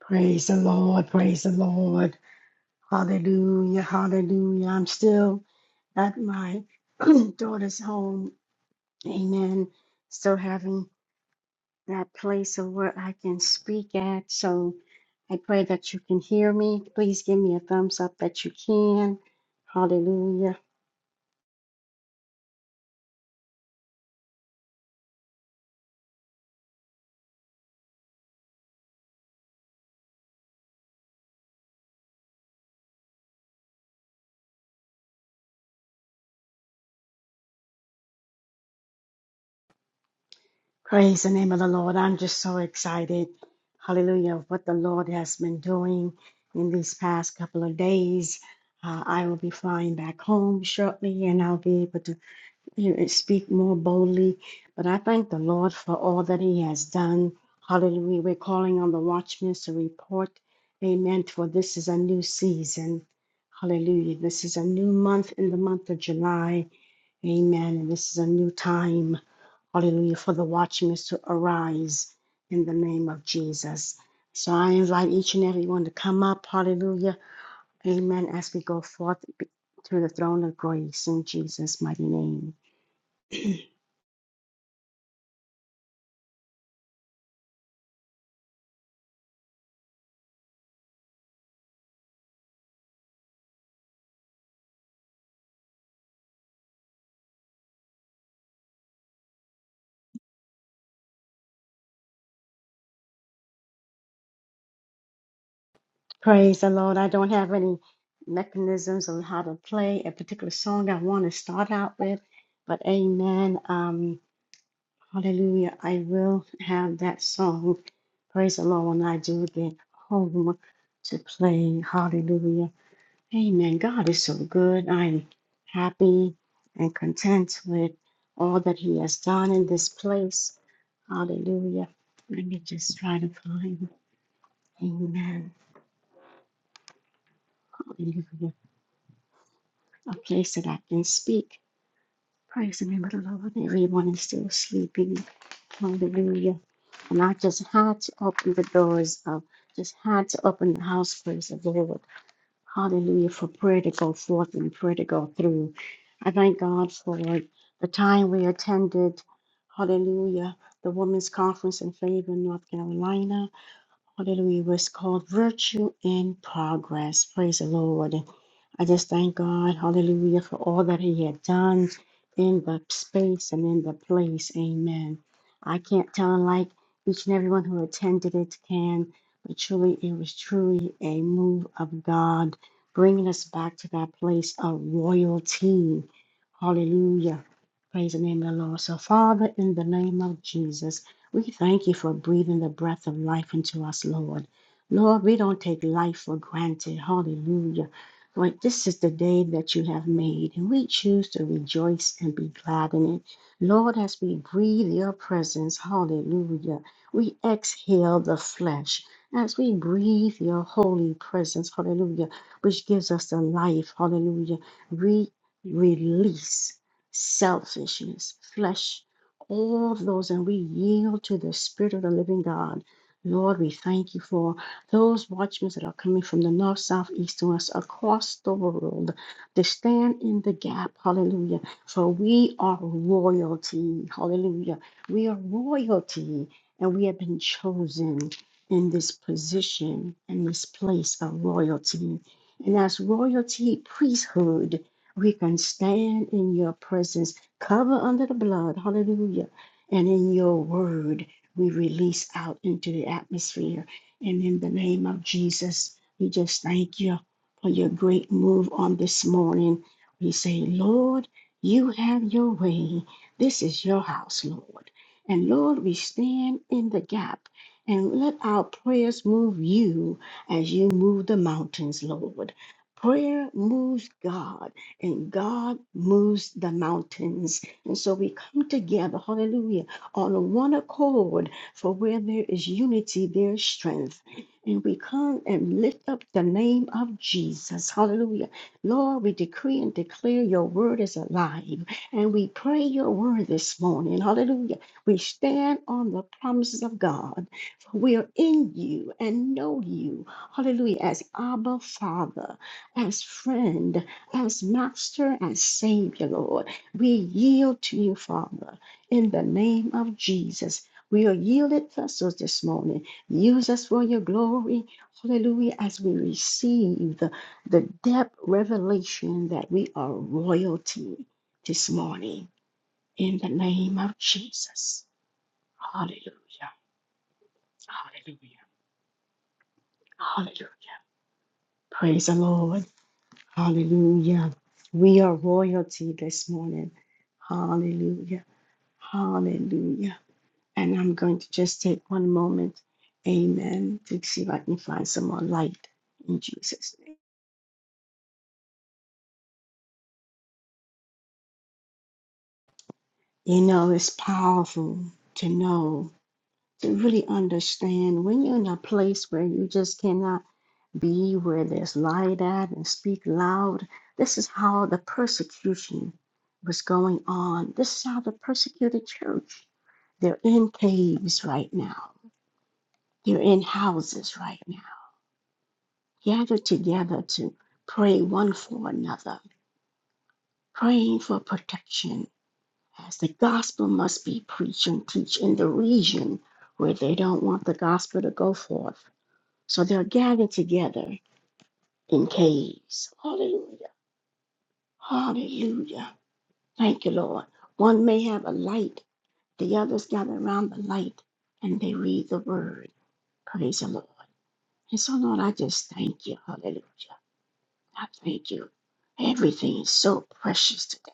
Praise the Lord, praise the Lord. Hallelujah, hallelujah. I'm still at my daughter's home. Amen. Still having that place of where I can speak at. So I pray that you can hear me. Please give me a thumbs up that you can. Hallelujah. Praise the name of the Lord. I'm just so excited. Hallelujah. of What the Lord has been doing in these past couple of days. Uh, I will be flying back home shortly and I'll be able to you know, speak more boldly. But I thank the Lord for all that He has done. Hallelujah. We're calling on the watchmen to report. Amen. For this is a new season. Hallelujah. This is a new month in the month of July. Amen. And this is a new time. Hallelujah. For the watchmen to arise in the name of Jesus. So I invite each and every one to come up. Hallelujah. Amen. As we go forth to the throne of grace in Jesus' mighty name. Praise the Lord. I don't have any mechanisms on how to play a particular song I want to start out with, but amen. Um, hallelujah. I will have that song. Praise the Lord when I do get home to play. Hallelujah. Amen. God is so good. I'm happy and content with all that He has done in this place. Hallelujah. Let me just try to find, Amen. Hallelujah. A place that I can speak. Praise the name of the Lord. Everyone is still sleeping. Hallelujah. And I just had to open the doors of, just had to open the house, praise the Lord. Hallelujah for prayer to go forth and prayer to go through. I thank God for the time we attended. Hallelujah. The Women's Conference in Fayetteville, North Carolina. Hallelujah. It was called Virtue in Progress. Praise the Lord. I just thank God, hallelujah, for all that He had done in the space and in the place. Amen. I can't tell like each and everyone who attended it can, but truly, it was truly a move of God bringing us back to that place of royalty. Hallelujah. Praise the name of the Lord. So, Father, in the name of Jesus. We thank you for breathing the breath of life into us, Lord. Lord, we don't take life for granted. Hallelujah. Lord, this is the day that you have made, and we choose to rejoice and be glad in it. Lord, as we breathe your presence, hallelujah, we exhale the flesh. As we breathe your holy presence, hallelujah, which gives us the life, hallelujah, we release selfishness, flesh all of those and we yield to the Spirit of the living God. Lord, we thank you for those watchmen that are coming from the north, south, east, and west across the world to stand in the gap. Hallelujah. For we are royalty. Hallelujah. We are royalty and we have been chosen in this position, in this place of royalty. And as royalty, priesthood, we can stand in your presence cover under the blood, hallelujah. And in your word, we release out into the atmosphere. And in the name of Jesus, we just thank you for your great move on this morning. We say, Lord, you have your way. This is your house, Lord. And Lord, we stand in the gap and let our prayers move you as you move the mountains, Lord. Prayer moves God and God moves the mountains. And so we come together, hallelujah, on one accord, for where there is unity, there is strength. And we come and lift up the name of Jesus. Hallelujah. Lord, we decree and declare your word is alive. And we pray your word this morning. Hallelujah. We stand on the promises of God. For we are in you and know you. Hallelujah. As Abba Father, as friend as Master and Savior, Lord. We yield to you, Father, in the name of Jesus. We are yielded vessels this morning. Use us for your glory. Hallelujah. As we receive the, the depth revelation that we are royalty this morning in the name of Jesus. Hallelujah. Hallelujah. Hallelujah. Praise the Lord. Hallelujah. We are royalty this morning. Hallelujah. Hallelujah. And I'm going to just take one moment, amen, to see if I can find some more light in Jesus' name. You know, it's powerful to know, to really understand when you're in a place where you just cannot be, where there's light at and speak loud. This is how the persecution was going on. This is how the persecuted church. They're in caves right now. They're in houses right now gather together to pray one for another, praying for protection as the gospel must be preached and teach in the region where they don't want the gospel to go forth. So they're gathered together in caves. Hallelujah. Hallelujah. Thank you, Lord. One may have a light, the others gather around the light and they read the word. Praise the Lord. And so, Lord, I just thank you. Hallelujah. I thank you. Everything is so precious today.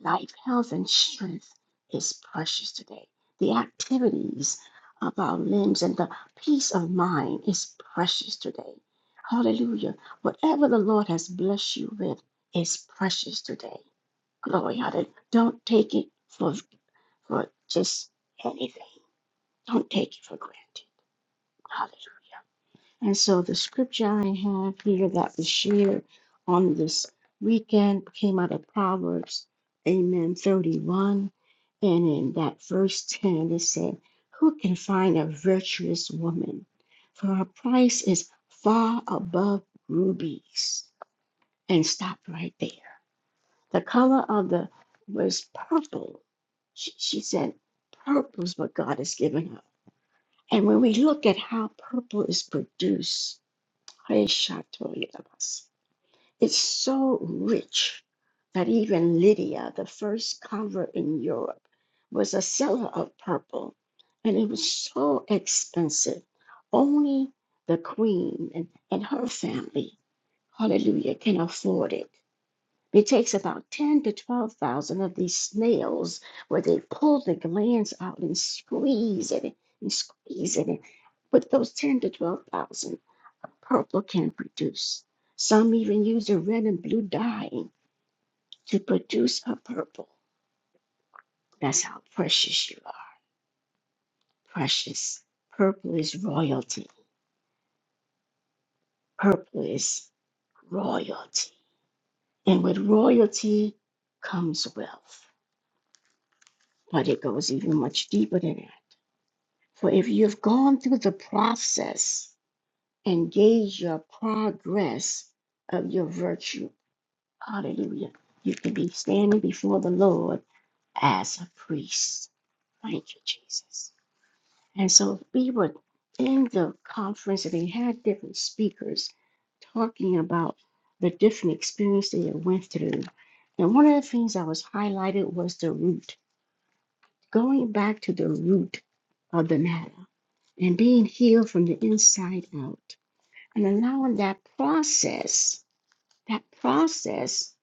Life, health, and strength is precious today. The activities of our limbs and the peace of mind is precious today. Hallelujah. Whatever the Lord has blessed you with is precious today. Glory, hallelujah. Don't take it for, for just anything. Don't take it for granted. Hallelujah. And so the scripture I have here that was shared on this weekend came out of Proverbs, Amen 31. And in that verse 10, it said, Who can find a virtuous woman? For her price is far above rubies. And stop right there. The color of the was purple. She, she said, Purple is what God has given her. And when we look at how purple is produced, Reshatoyabas. It's so rich that even Lydia, the first convert in Europe, was a seller of purple, and it was so expensive. Only the queen and, and her family, hallelujah, can afford it. It takes about ten to twelve thousand of these snails where they pull the glands out and squeeze it and squeeze it. But those ten to twelve thousand purple can produce. Some even use a red and blue dye to produce a purple. That's how precious you are. Precious. Purple is royalty. Purple is royalty. And with royalty comes wealth. But it goes even much deeper than that. For if you've gone through the process and gauge your progress of your virtue, hallelujah, you can be standing before the Lord as a priest Thank you, Jesus. And so we were in the conference and they had different speakers talking about the different experience they had went through. And one of the things that was highlighted was the root, going back to the root of the matter and being healed from the inside out and allowing that process, that process,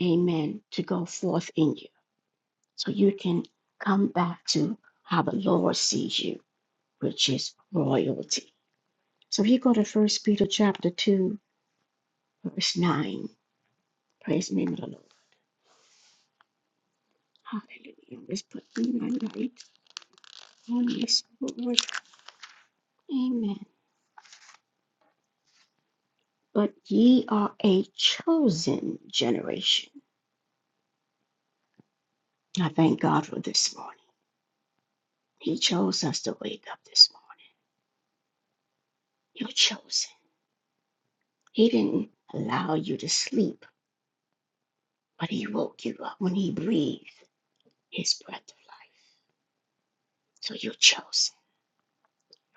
amen, to go forth in you so you can come back to how the Lord sees you which is royalty. So if you go to First Peter chapter two, verse nine, praise the name of the Lord. Hallelujah. Let's put my light on this Lord. Amen. But ye are a chosen generation. I thank God for this morning. He chose us to wake up this morning. You're chosen. He didn't allow you to sleep, but he woke you up when he breathed his breath of life. So you're chosen.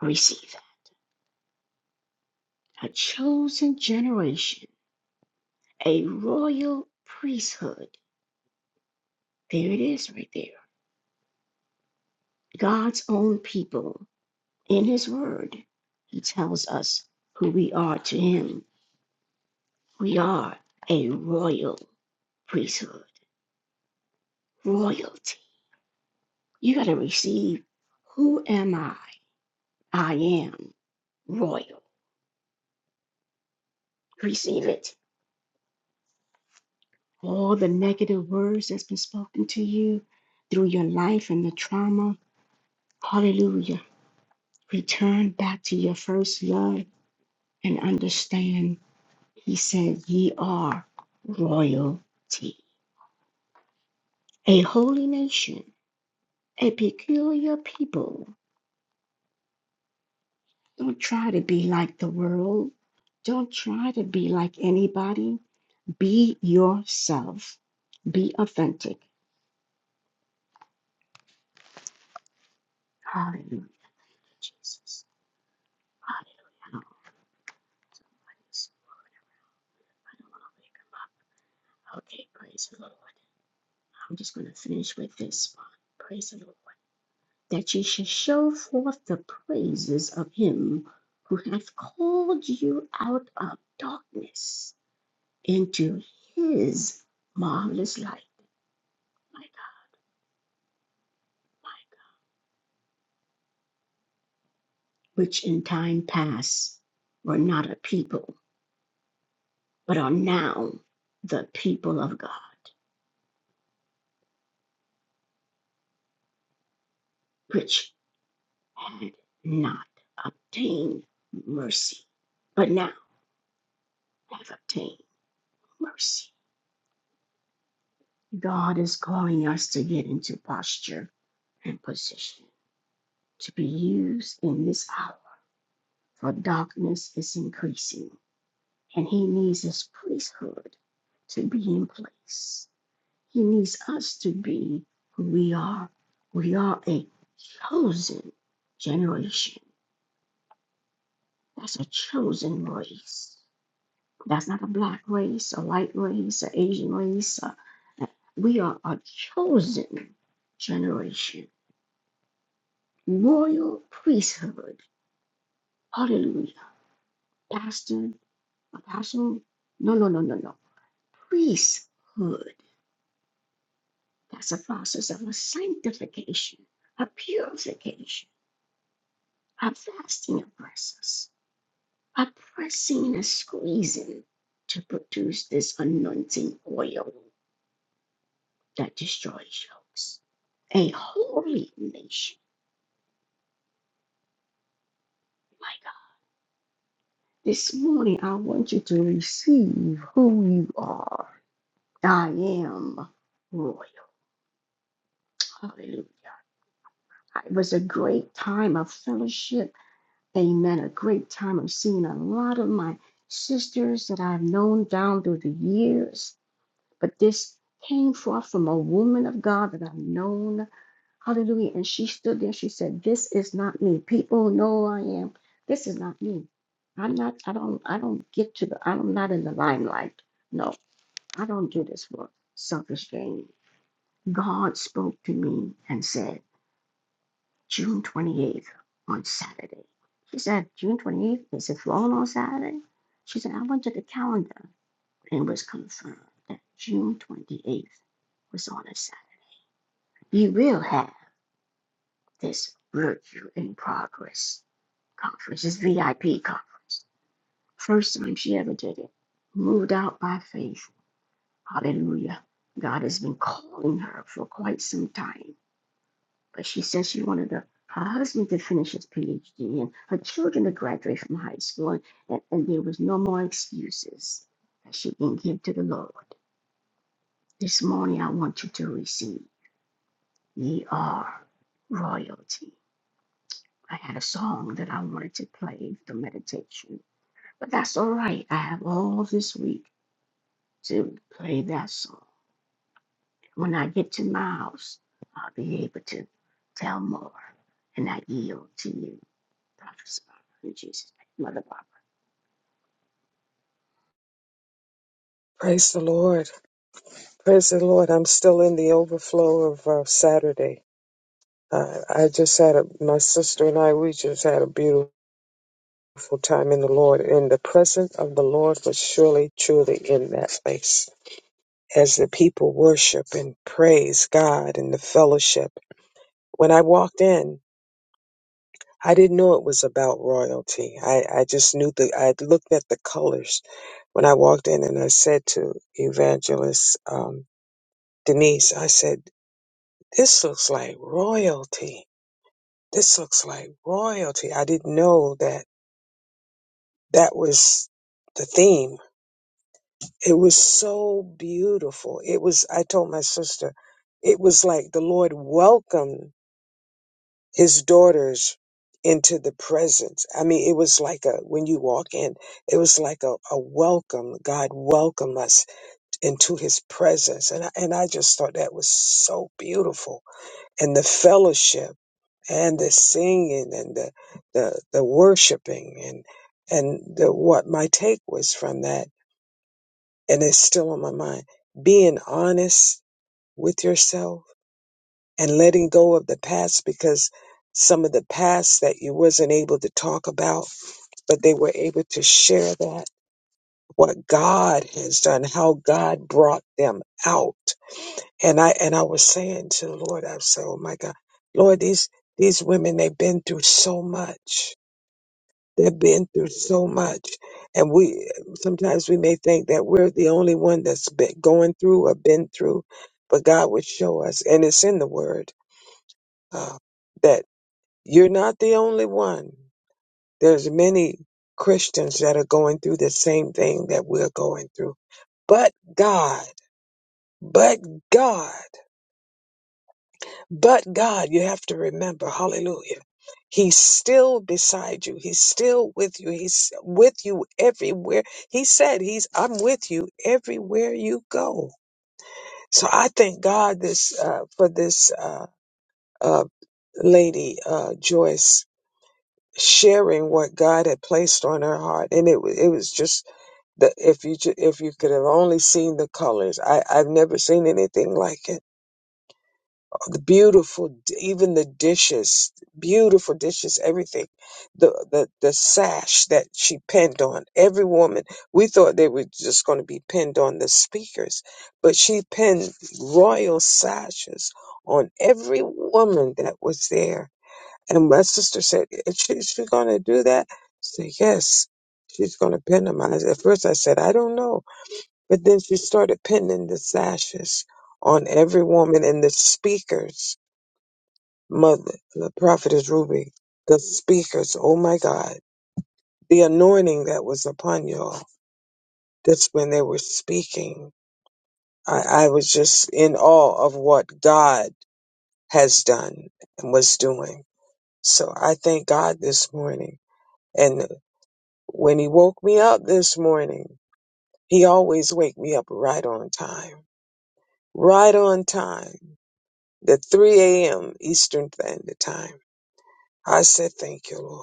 Receive that. A chosen generation a royal priesthood. There it is right there. God's own people. In his word, he tells us who we are to him. We are a royal priesthood, royalty. You got to receive who am I? I am royal. Receive it. All the negative words that's been spoken to you through your life and the trauma. Hallelujah. Return back to your first love and understand. He said, Ye are royalty, a holy nation, a peculiar people. Don't try to be like the world. Don't try to be like anybody. Be yourself. Be authentic. Hallelujah, Jesus. Hallelujah. Okay, praise the Lord. I'm just going to finish with this one. Praise the Lord. that ye shall show forth the praises of him who hath called you out of darkness into his marvelous light, my God, my God, which in time past were not a people, but are now the people of God, which had not obtained mercy, but now have obtained mercy. God is calling us to get into posture and position to be used in this hour, for darkness is increasing, and he needs his priesthood to be in place. He needs us to be who we are. We are a chosen generation. That's a chosen race. That's not a black race, a white race, an Asian race. a- we are a chosen generation, royal priesthood. Hallelujah. Pastor Apostle, no, no, no, no, no. Priesthood. That's a process of a sanctification, a purification, a fasting of process, a pressing and a squeezing to produce this anointing oil that destroys yokes. A holy nation, my God. This morning, I want you to receive who you are. I am royal. Hallelujah. It was a great time of fellowship amen, a great time of seeing a lot of my sisters that I've known down through the years. But this came forth from a woman of God that I've known. Hallelujah. And she stood there. She said, This is not me. People know who I am. This is not me. I'm not, I don't, I don't get to the, I'm not in the limelight. No, I don't do this for selfish gain. God spoke to me and said, June 28th on Saturday. She said, June 28th, is it falling on Saturday? She said, I went to the calendar and it was confirmed that June 28th was on a Saturday. You will have this Virtue in Progress conference, this VIP conference. First time she ever did it. Moved out by faith. Hallelujah. God has been calling her for quite some time. but she says she wanted her, her husband to finish his PhD and her children to graduate from high school, and, and, and there was no more excuses that she can give to the Lord. This morning, I want you to receive. Ye are royalty. I had a song that I wanted to play for meditation, but that's all right. I have all this week to play that song. When I get to my house, I'll be able to tell more, and I yield to you. Prophetess Barbara, in Jesus' name. Mother Barbara. Praise the Lord. Praise the Lord. I'm still in the overflow of uh, Saturday. Uh, I just had a, my sister and I, we just had a beautiful time in the Lord. And the presence of the Lord was surely, truly in that place as the people worship and praise God and the fellowship. When I walked in, I didn't know it was about royalty. I, I just knew the, I looked at the colors when I walked in and I said to evangelist, um, Denise, I said, This looks like royalty. This looks like royalty. I didn't know that that was the theme. It was so beautiful. It was, I told my sister, it was like the Lord welcomed his daughters into the presence. I mean, it was like a, when you walk in, it was like a, a welcome. God welcome us into his presence. And I, and I just thought that was so beautiful. And the fellowship. and the singing and the the, the worshiping and and the, what my take was from that and it's still on my mind being honest with yourself and letting go of the past because some of the past that you wasn't able to talk about but they were able to share that what God has done how God brought them out and I and I was saying to the Lord I said oh my God Lord these these women they've been through so much They've been through so much, and we sometimes we may think that we're the only one that's been going through or been through, but God would show us, and it's in the Word uh, that you're not the only one. There's many Christians that are going through the same thing that we're going through, but God, but God. But God, you have to remember, hallelujah, He's still beside you. He's still with you. He's with you everywhere. He said, He's, I'm with you everywhere you go. So I thank God this, uh, for this, uh, uh, lady, uh, Joyce sharing what God had placed on her heart. And it, wa- it was just the, if you, ju- if you could have only seen the colors, I, I've never seen anything like it the beautiful even the dishes beautiful dishes everything the the, the sash that she pinned on every woman we thought they were just going to be pinned on the speakers but she pinned royal sashes on every woman that was there and my sister said "Is she, is she going to do that I said yes she's going to pin them I, at first i said i don't know but then she started pinning the sashes on every woman and the speakers Mother, the prophetess Ruby, the speakers, oh my God, the anointing that was upon y'all. That's when they were speaking. I, I was just in awe of what God has done and was doing. So I thank God this morning. And when he woke me up this morning, he always wake me up right on time. Right on time. The 3 a.m. Eastern Standard Time. I said, thank you, Lord.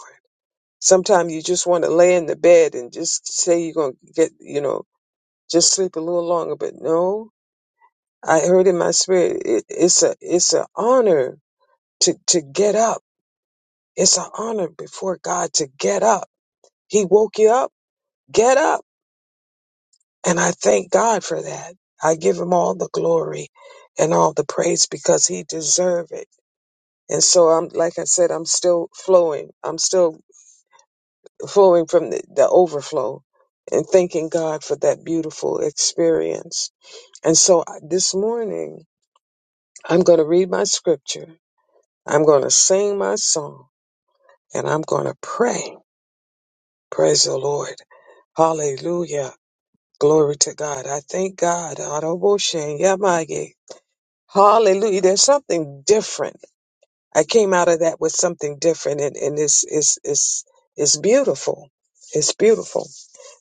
Sometimes you just want to lay in the bed and just say you're going to get, you know, just sleep a little longer. But no, I heard in my spirit, it, it's a, it's an honor to, to get up. It's an honor before God to get up. He woke you up, get up. And I thank God for that. I give him all the glory and all the praise because he deserve it. And so I'm, like I said, I'm still flowing. I'm still flowing from the, the overflow and thanking God for that beautiful experience. And so I- this morning, I'm going to read my scripture. I'm going to sing my song and I'm going to pray. Praise the Lord. Hallelujah. Glory to God. I thank God. Adoboshen yamage. Hallelujah. There's something different. I came out of that with something different and, and it's, it's, it's, it's beautiful. It's beautiful.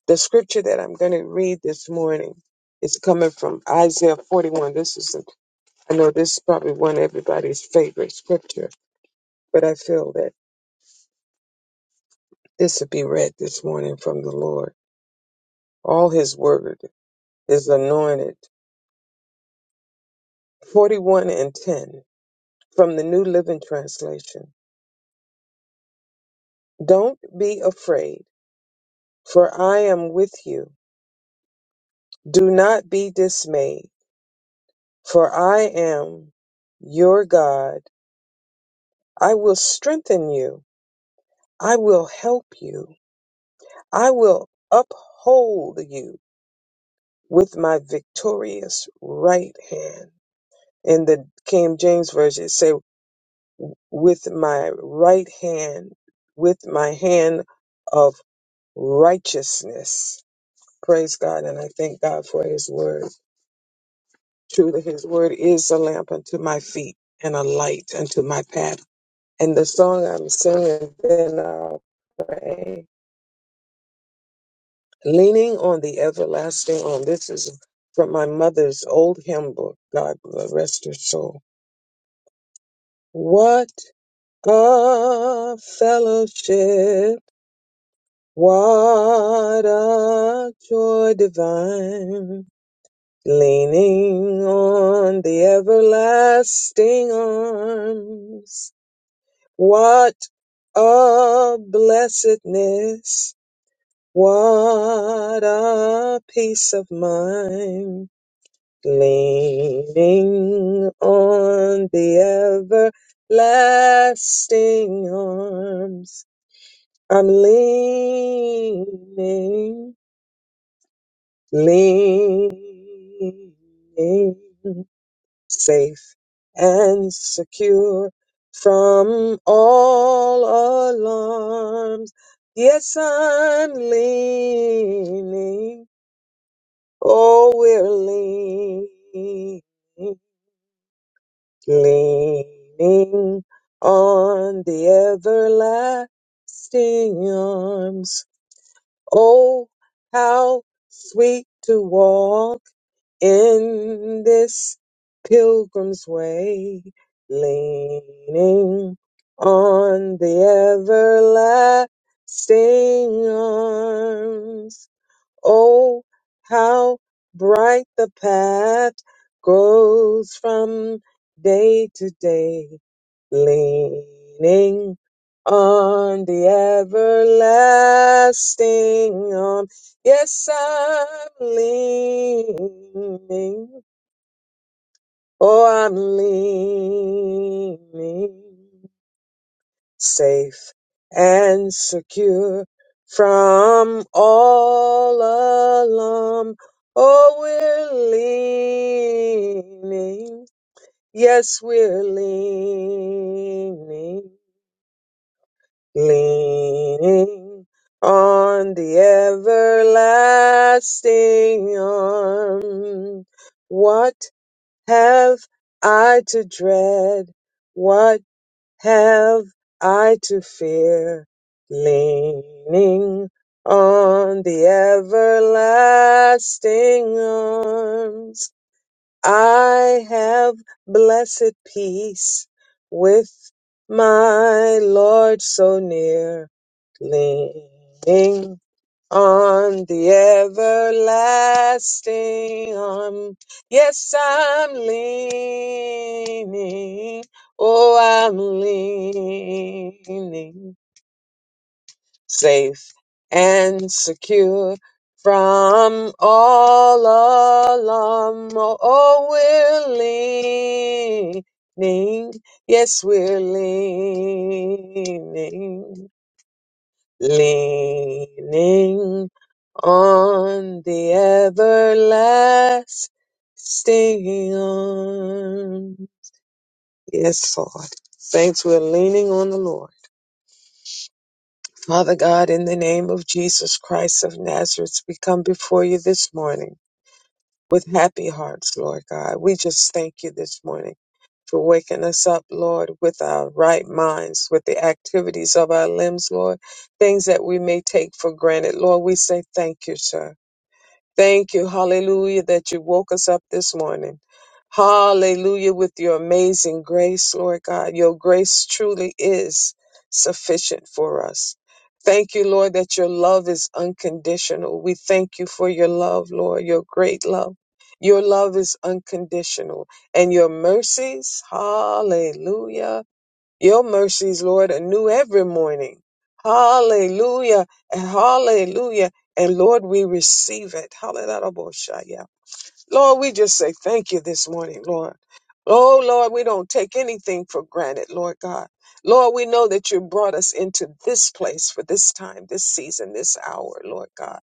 The scripture that I'm going to read this morning is coming from Isaiah 41. This is, I know this is probably one of everybody's favorite scripture, but I feel that this would be read this morning from the Lord. All his word is anointed. 41 and 10 from the New Living Translation. Don't be afraid, for I am with you. Do not be dismayed, for I am your God. I will strengthen you. I will help you. I will uphold you with my victorious right hand. In the King James Version, it say, with my right hand, with my hand of righteousness. Praise God. And I thank God for his word. Truly, his word is a lamp unto my feet and a light unto my path. And the song I'm singing, then I'll pray. leaning on the everlasting arm. This is from my mother's old hymn book. God rest her soul. What a fellowship! What a joy divine! Leaning on the everlasting arms. What a blessedness! What a peace of mind! leaning on the everlasting arms. I'm leaning, leaning, safe and secure from all alarms. Yes, I'm leaning. Oh, we're leaning leaning on the everlasting arms. Oh, how sweet to walk in this pilgrim's way, leaning on the everlasting arms. Oh, how bright the path grows from day to day leaning on the everlasting arm. Yes, I'm leaning. Oh, I'm leaning safe and secure from all alarm. Oh, we're leaning. Yes, we're leaning leaning on the everlasting arm. What have I to dread? What have I to fear? Leaning on the everlasting arms. I have blessed peace with my Lord so near Leaning on the everlasting arm. Yes, I'm leaning. Oh, I'm leaning. Safe and secure from all alarm. Oh, oh, we're leaning. Yes, we're leaning leaning on the everlasting arm. Yes, Lord. Saints, we're leaning on the Lord. Father God, in the name of Jesus Christ of Nazareth, we come before you this morning with happy hearts, Lord God. We just thank you this morning for waking us up, Lord, with our right minds, with the activities of our limbs, Lord, things that we may take for granted. Lord, we say thank you, sir. Thank you, hallelujah, that you woke us up this morning. Hallelujah, with your amazing grace, Lord God. Your grace truly is sufficient for us. Thank you, Lord, that your love is unconditional. We thank you for your love, Lord, your great love. Your love is unconditional and your mercies, hallelujah your mercies, Lord, are new every morning. Hallelujah and hallelujah. And Lord, we receive it. Hallelujah. Lord, we just say thank you this morning, Lord. Oh, Lord, we don't take anything for granted, Lord God. Lord, we know that you brought us into this place for this time, this season, this hour, Lord God.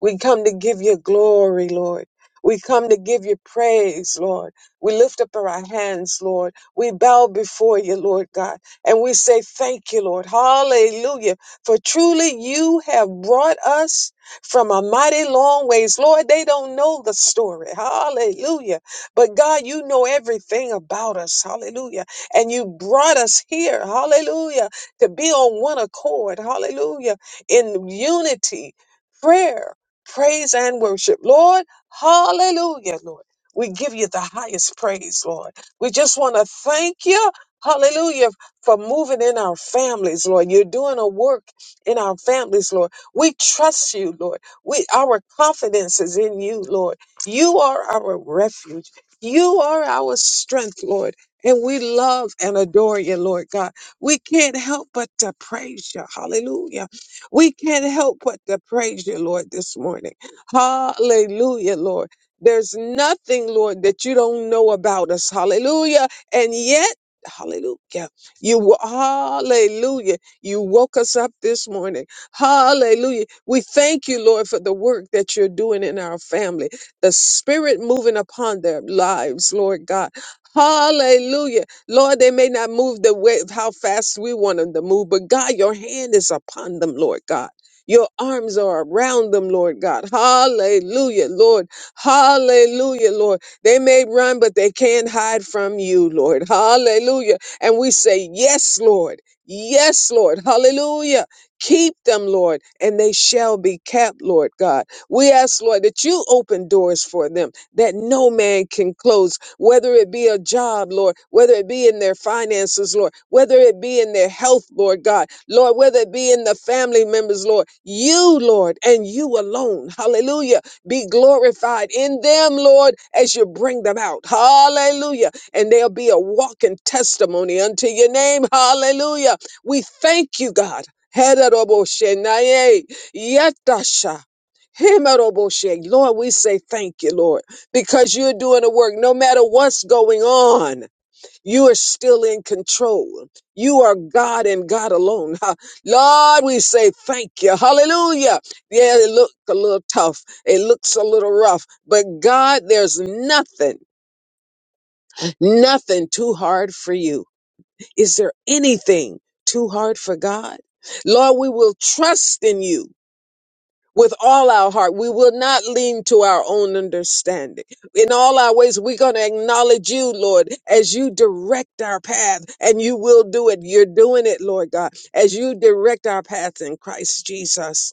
We come to give you glory, Lord. We come to give you praise, Lord. We lift up our hands, Lord. We bow before you, Lord God, and we say thank you, Lord. Hallelujah. For truly you have brought us from a mighty long ways. Lord, they don't know the story. Hallelujah. But God, you know everything about us. Hallelujah. And you brought us here. Hallelujah. To be on one accord. Hallelujah. In unity, prayer, praise, and worship. Lord, hallelujah, Lord. We give you the highest praise, Lord. We just want to thank you. Hallelujah for moving in our families, Lord. You're doing a work in our families, Lord. We trust you, Lord. We our confidence is in you, Lord. You are our refuge. You are our strength, Lord. And we love and adore you, Lord God. We can't help but to praise you. Hallelujah. We can't help but to praise you, Lord, this morning. Hallelujah, Lord. There's nothing, Lord, that you don't know about us. Hallelujah. And yet, hallelujah. You hallelujah. You woke us up this morning. Hallelujah. We thank you, Lord, for the work that you're doing in our family, the spirit moving upon their lives, Lord God. Hallelujah. Lord, they may not move the way how fast we want them to move, but God, your hand is upon them, Lord God. Your arms are around them, Lord God. Hallelujah, Lord. Hallelujah, Lord. They may run, but they can't hide from you, Lord. Hallelujah. And we say, Yes, Lord. Yes, Lord. Hallelujah. Keep them, Lord, and they shall be kept, Lord God. We ask, Lord, that you open doors for them that no man can close, whether it be a job, Lord, whether it be in their finances, Lord, whether it be in their health, Lord God, Lord, whether it be in the family members, Lord. You, Lord, and you alone, hallelujah, be glorified in them, Lord, as you bring them out, hallelujah. And they'll be a walking testimony unto your name, hallelujah. We thank you, God. Hedaroboshe naye yetasha. Himaroboshe. Lord, we say thank you, Lord, because you're doing the work. No matter what's going on, you are still in control. You are God and God alone. Ha. Lord, we say thank you. Hallelujah. Yeah, it looked a little tough. It looks a little rough. But God, there's nothing, nothing too hard for you. Is there anything too hard for God? Lord, we will trust in you with all our heart. We will not lean to our own understanding. In all our ways, we're going to acknowledge you, Lord, as you direct our path, and you will do it. You're doing it, Lord God, as you direct our path in Christ Jesus.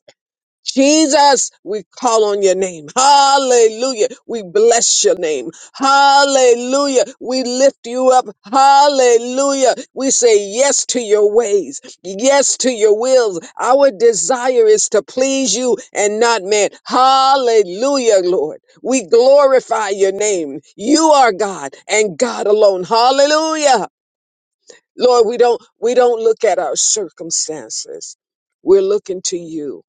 Jesus, we call on your name. Hallelujah. We bless your name. Hallelujah. We lift you up. Hallelujah. We say yes to your ways. Yes to your wills. Our desire is to please you and not man. Hallelujah, Lord. We glorify your name. You are God and God alone. Hallelujah. Lord, we don't, we don't look at our circumstances. We're looking to you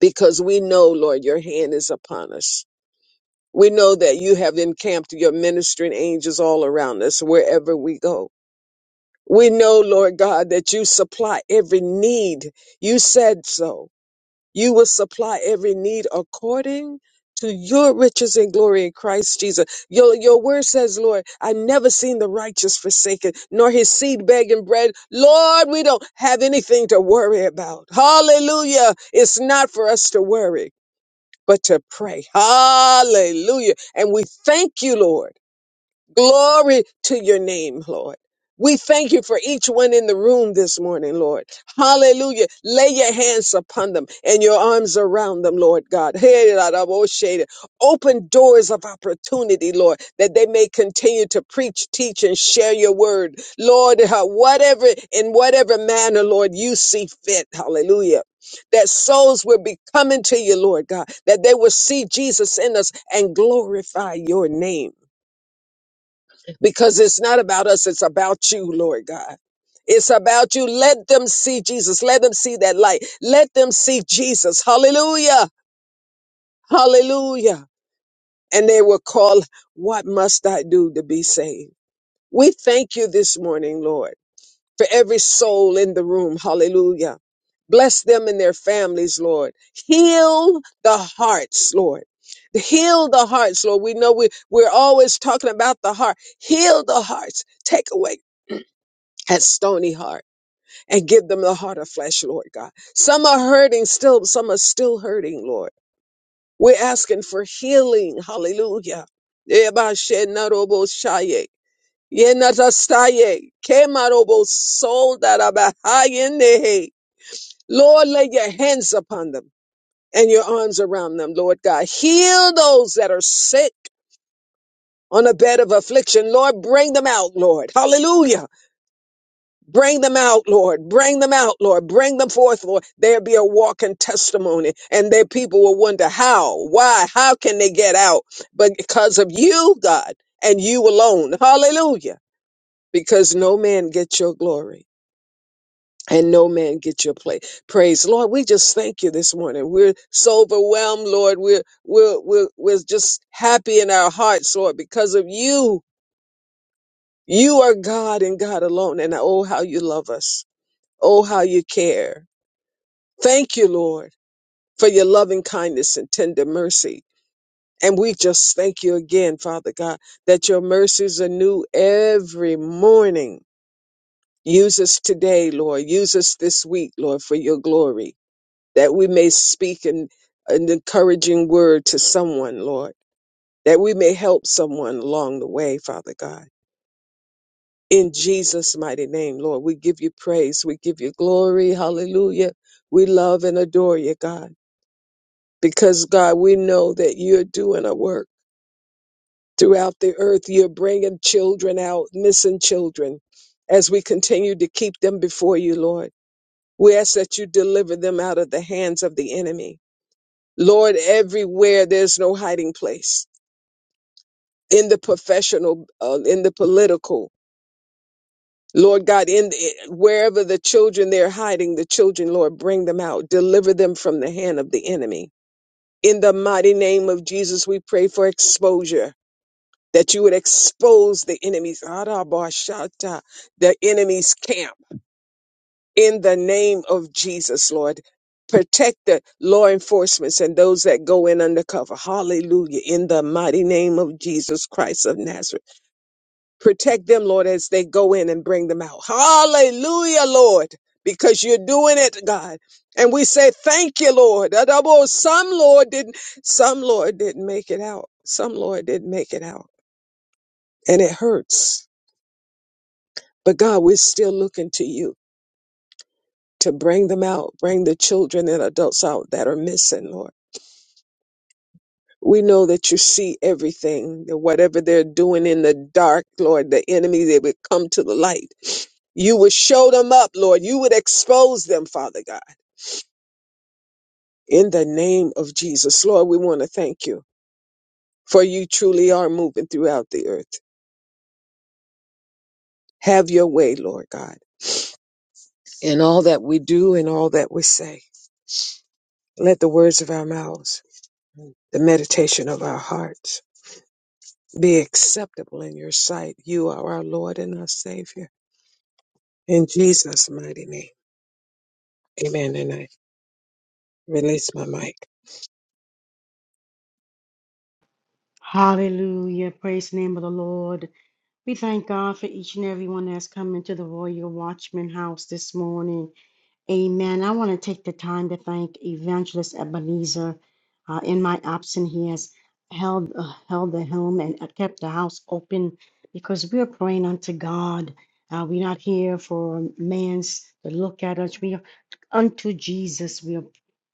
because we know, Lord, your hand is upon us. We know that you have encamped your ministering angels all around us wherever we go. We know, Lord God, that you supply every need. You said so. You will supply every need according to your riches and glory in Christ Jesus. Your, your word says, Lord, I never seen the righteous forsaken, nor his seed begging bread. Lord, we don't have anything to worry about. Hallelujah. It's not for us to worry but to pray. Hallelujah. And we thank you, Lord. Glory to your name, Lord. We thank you for each one in the room this morning, Lord. Hallelujah. Lay your hands upon them and your arms around them, Lord God. Hey, la, da, bo, shada. Open doors of opportunity, Lord, that they may continue to preach, teach, and share your word. Lord, uh, whatever, in whatever manner, Lord, you see fit. Hallelujah. That souls will be coming to you, Lord God, that they will see Jesus in us and glorify your name because it's not about us, it's about you, Lord God. It's about you. Let them see Jesus. Let them see that light. Let them see Jesus. Hallelujah. Hallelujah. And they will call, What must I do to be saved? We thank you this morning, Lord, for every soul in the room. Hallelujah. Bless them and their families, Lord. Heal the hearts, Lord. Heal the hearts, Lord. We know we, we're always talking about the heart. Heal the hearts. Take away at Stony Heart and give them the heart of flesh, Lord God. Some are hurting still, some are still hurting, Lord. We're asking for healing. Hallelujah. Ebashenaroboshaye, yenatastaye, kemarobosoldarabahayenehe. Lord, lay your hands upon them and your arms around them, Lord God. Heal those that are sick on a bed of affliction. Lord, bring them out, Lord. Hallelujah. Bring them out, Lord. Bring them out, Lord. Bring them forth, Lord. There be a walking testimony, and their people will wonder how, why, how can they get out? But because of you, God, and you alone. Hallelujah. Because no man gets your glory. And no man get your play. praise. Lord, we just thank you this morning. We're so overwhelmed, Lord. We're, we're, we're, we're just happy in our hearts, Lord, because of you. You are God and God alone. And oh, how you love us. Oh, how you care. Thank you, Lord, for your loving kindness and tender mercy. And we just thank you again, Father God, that your mercies are new every morning. Use us today, Lord. Use us this week, Lord, for your glory, that we may speak an, an encouraging word to someone, Lord, that we may help someone along the way, Father God. In Jesus' mighty name, Lord, we give you praise. We give you glory. Hallelujah. We love and adore you, God. because God, we know that you're doing a work throughout the earth. You're bringing children out, missing children, as we continue to keep them before you, Lord. We ask that you deliver them out of the hands of the enemy. Lord, everywhere there's no hiding place in the professional, uh, in the political. Lord God, in wherever the children they're hiding, the children, Lord, bring them out. Deliver them from the hand of the enemy. In the mighty name of Jesus, we pray for exposure. that you would expose the enemies, Arabashata, the enemy's camp in the name of Jesus, Lord. Protect the law enforcements and those that go in undercover. Hallelujah. In the mighty name of Jesus Christ of Nazareth. Protect them, Lord, as they go in and bring them out. Hallelujah, Lord, because you're doing it, God. And we say, thank you, Lord. Adabo, Some Lord didn't, some Lord didn't make it out. Some Lord didn't make it out. And it hurts But God, we're still looking to you to bring them out, bring the children and adults out that are missing, Lord. We know that you see everything, that whatever they're doing in the dark, Lord, the enemy, they would come to the light. You would show them up, Lord. You would expose them, Father God. In the name of Jesus, Lord, we want to thank you for you truly are moving throughout the earth. Have your way, Lord God, in all that we do and all that we say. Let the words of our mouths, the meditation of our hearts, be acceptable in your sight. You are our Lord and our Savior. In Jesus' mighty name. Amen. And I release my mic. Hallelujah. Praise the name of the Lord. We thank God for each and every one that's come into the Royal Watchman House this morning. Amen. I want to take the time to thank Evangelist Ebenezer. Uh, in my absence, he has held uh, held the helm and uh, kept the house open because we are praying unto God. Uh, we're not here for man's to look at us. We unto Jesus. We are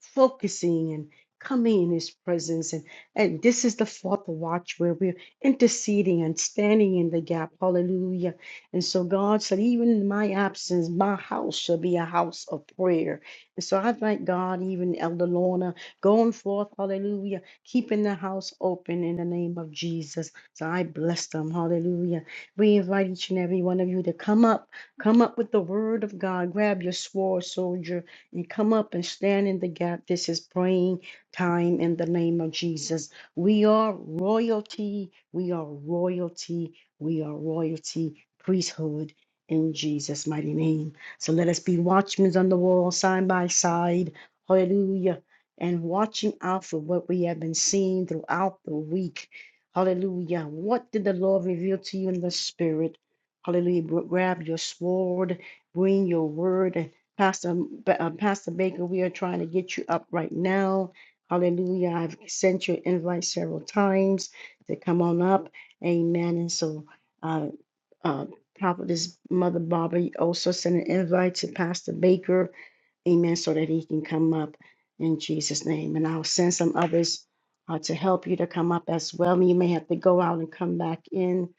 focusing and coming in his presence. And, and this is the fourth watch where we're interceding and standing in the gap. Hallelujah. And so God said, even in my absence, my house shall be a house of prayer. And so I thank God, even Elder Lorna, going forth, hallelujah, keeping the house open in the name of Jesus. So I bless them, hallelujah. We invite each and every one of you to come up, come up with the word of God. Grab your sword, soldier and come up and stand in the gap. This is praying time in the name of Jesus. We are royalty. We are royalty. We are royalty priesthood in Jesus' mighty name. So let us be watchmen on the wall, side by side. Hallelujah. And watching out for what we have been seeing throughout the week. Hallelujah. What did the Lord reveal to you in the spirit? Hallelujah. Grab your sword, bring your word. Pastor, Ba- uh, Pastor Baker, we are trying to get you up right now. Hallelujah. I've sent you an invite several times to come on up. Amen. And so, uh, uh, Prophetess Mother Barbara also sent an invite to Pastor Baker. Amen. So that he can come up in Jesus' name. And I'll send some others uh, to help you to come up as well. You may have to go out and come back in.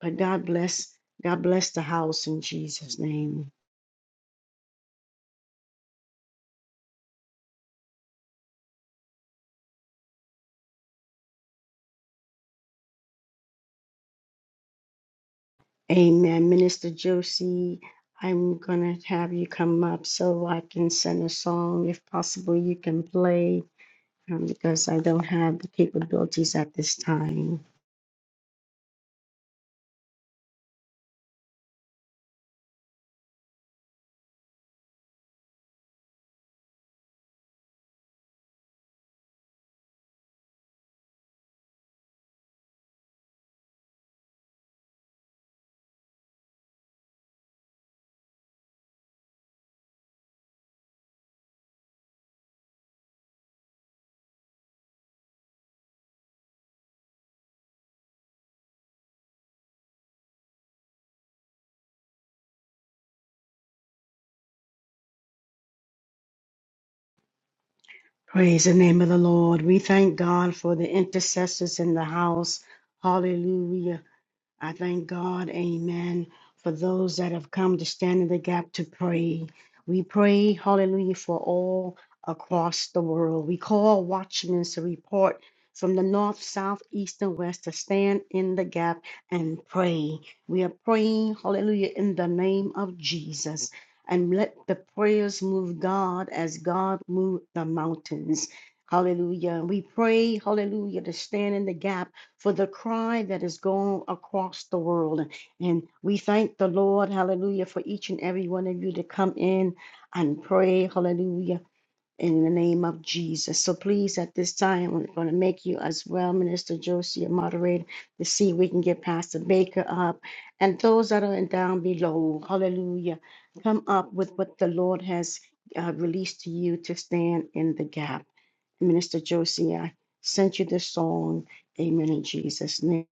But God bless. God bless the house in Jesus' name. Amen. Minister Josie, I'm going to have you come up so I can send a song, if possible, you can play um, because I don't have the capabilities at this time. Praise the name of the Lord. We thank God for the intercessors in the house. Hallelujah. I thank God, amen, for those that have come to stand in the gap to pray. We pray, hallelujah, for all across the world. We call watchmen to report from the north, south, east, and west to stand in the gap and pray. We are praying, hallelujah, in the name of Jesus. And let the prayers move God as God moved the mountains. Hallelujah. We pray, hallelujah, to stand in the gap for the cry that is going across the world. And we thank the Lord, hallelujah, for each and every one of you to come in and pray, hallelujah, in the name of Jesus. So please, at this time, we're going to make you as well, Minister Josie, a moderator, to see if we can get Pastor Baker up. And those that are down below, hallelujah, come up with what the Lord has uh, released to you to stand in the gap. Minister Josie, I sent you this song. Amen. In Jesus' name.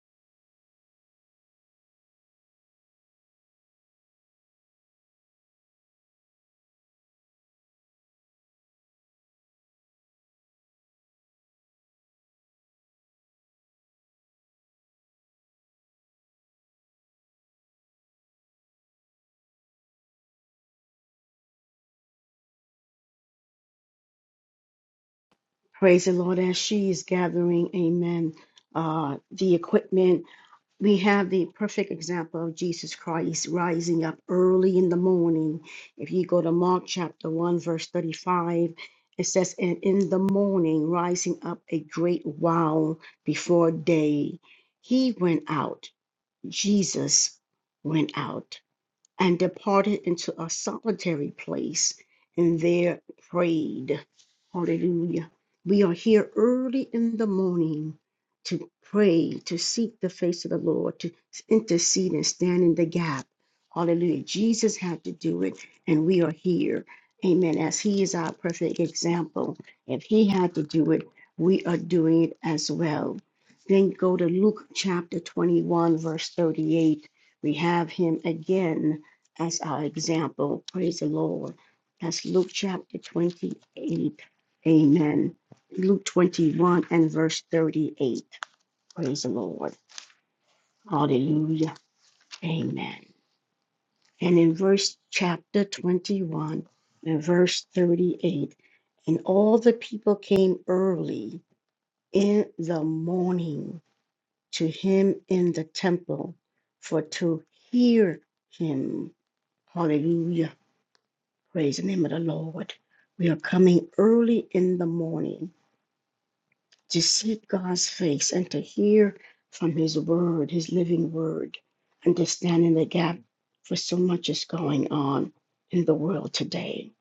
Praise the Lord. As she is gathering, amen, uh, the equipment, we have the perfect example of Jesus Christ rising up early in the morning. If you go to Mark chapter 1, verse 35, it says, And in the morning, rising up a great while before day, he went out. Jesus went out. and departed into a solitary place and there prayed. Hallelujah. We are here early in the morning to pray, to seek the face of the Lord, to intercede and stand in the gap. Hallelujah. Jesus had to do it, and we are here. Amen. As He is our perfect example, if He had to do it, we are doing it as well. Then go to Luke chapter 21, verse 38. We have Him again as our example. Praise the Lord. That's Luke chapter 28. Amen. Luke 21 and verse 38. Praise the Lord. Hallelujah. Amen. And in verse chapter 21 and verse 38, and all the people came early in the morning to him in the temple for to hear him. Hallelujah. Praise the name of the Lord. We are coming early in the morning to seek God's face and to hear from His word, His living word, and to stand in the gap for so much is going on in the world today.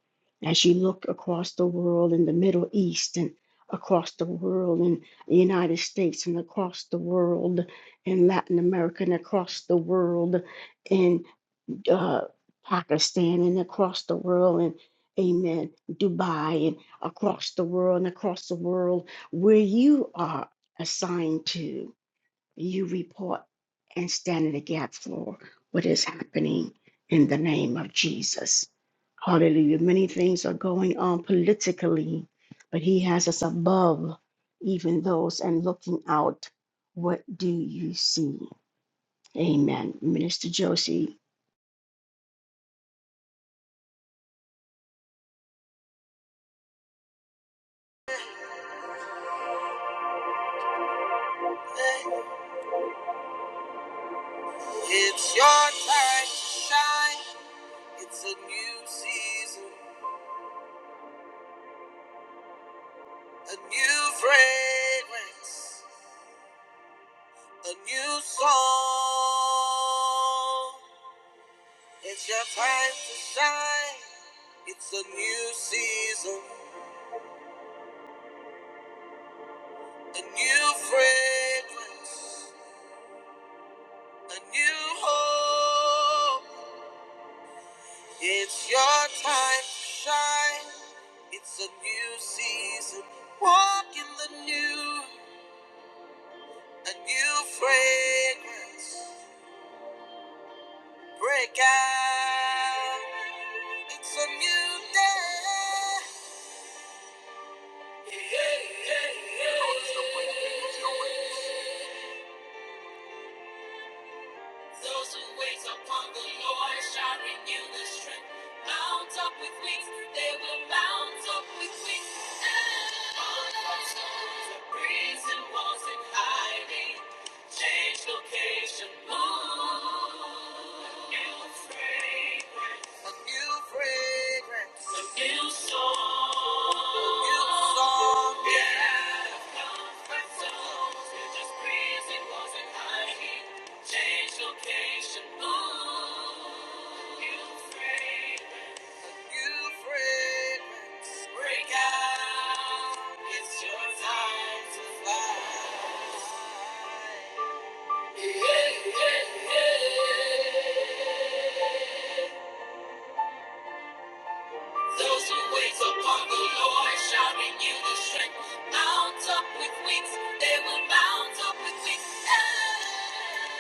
As you look across the world in the Middle East and across the world in the United States and across the world in Latin America and across the world in uh, Pakistan and across the world and amen, Dubai and across the world and across the world where you are assigned to, you report and stand in the gap for what is happening in the name of Jesus. Hallelujah. Many things are going on politically, but he has us above even those and looking out. What do you see? Amen. Minister Josie, It's your time to shine. It's a new season, a new fragrance, a new song. It's your time to shine. It's a new season, a new fragrance, a new hope. It's your time to shine. It's a new season. Walk in the new. A new fragrance break out. It's a new day. Those who wait upon the Lord shall renew their strength. Mount up with wings, they will mount up with wings. And on our souls of prison walls and hiding. Change location, move. A new fragrance. A new fragrance. A new song. A new song. Yeah. Those who wait upon the Lord shall renew their strength. Mount up with wings, they will mount up with wings. Ah.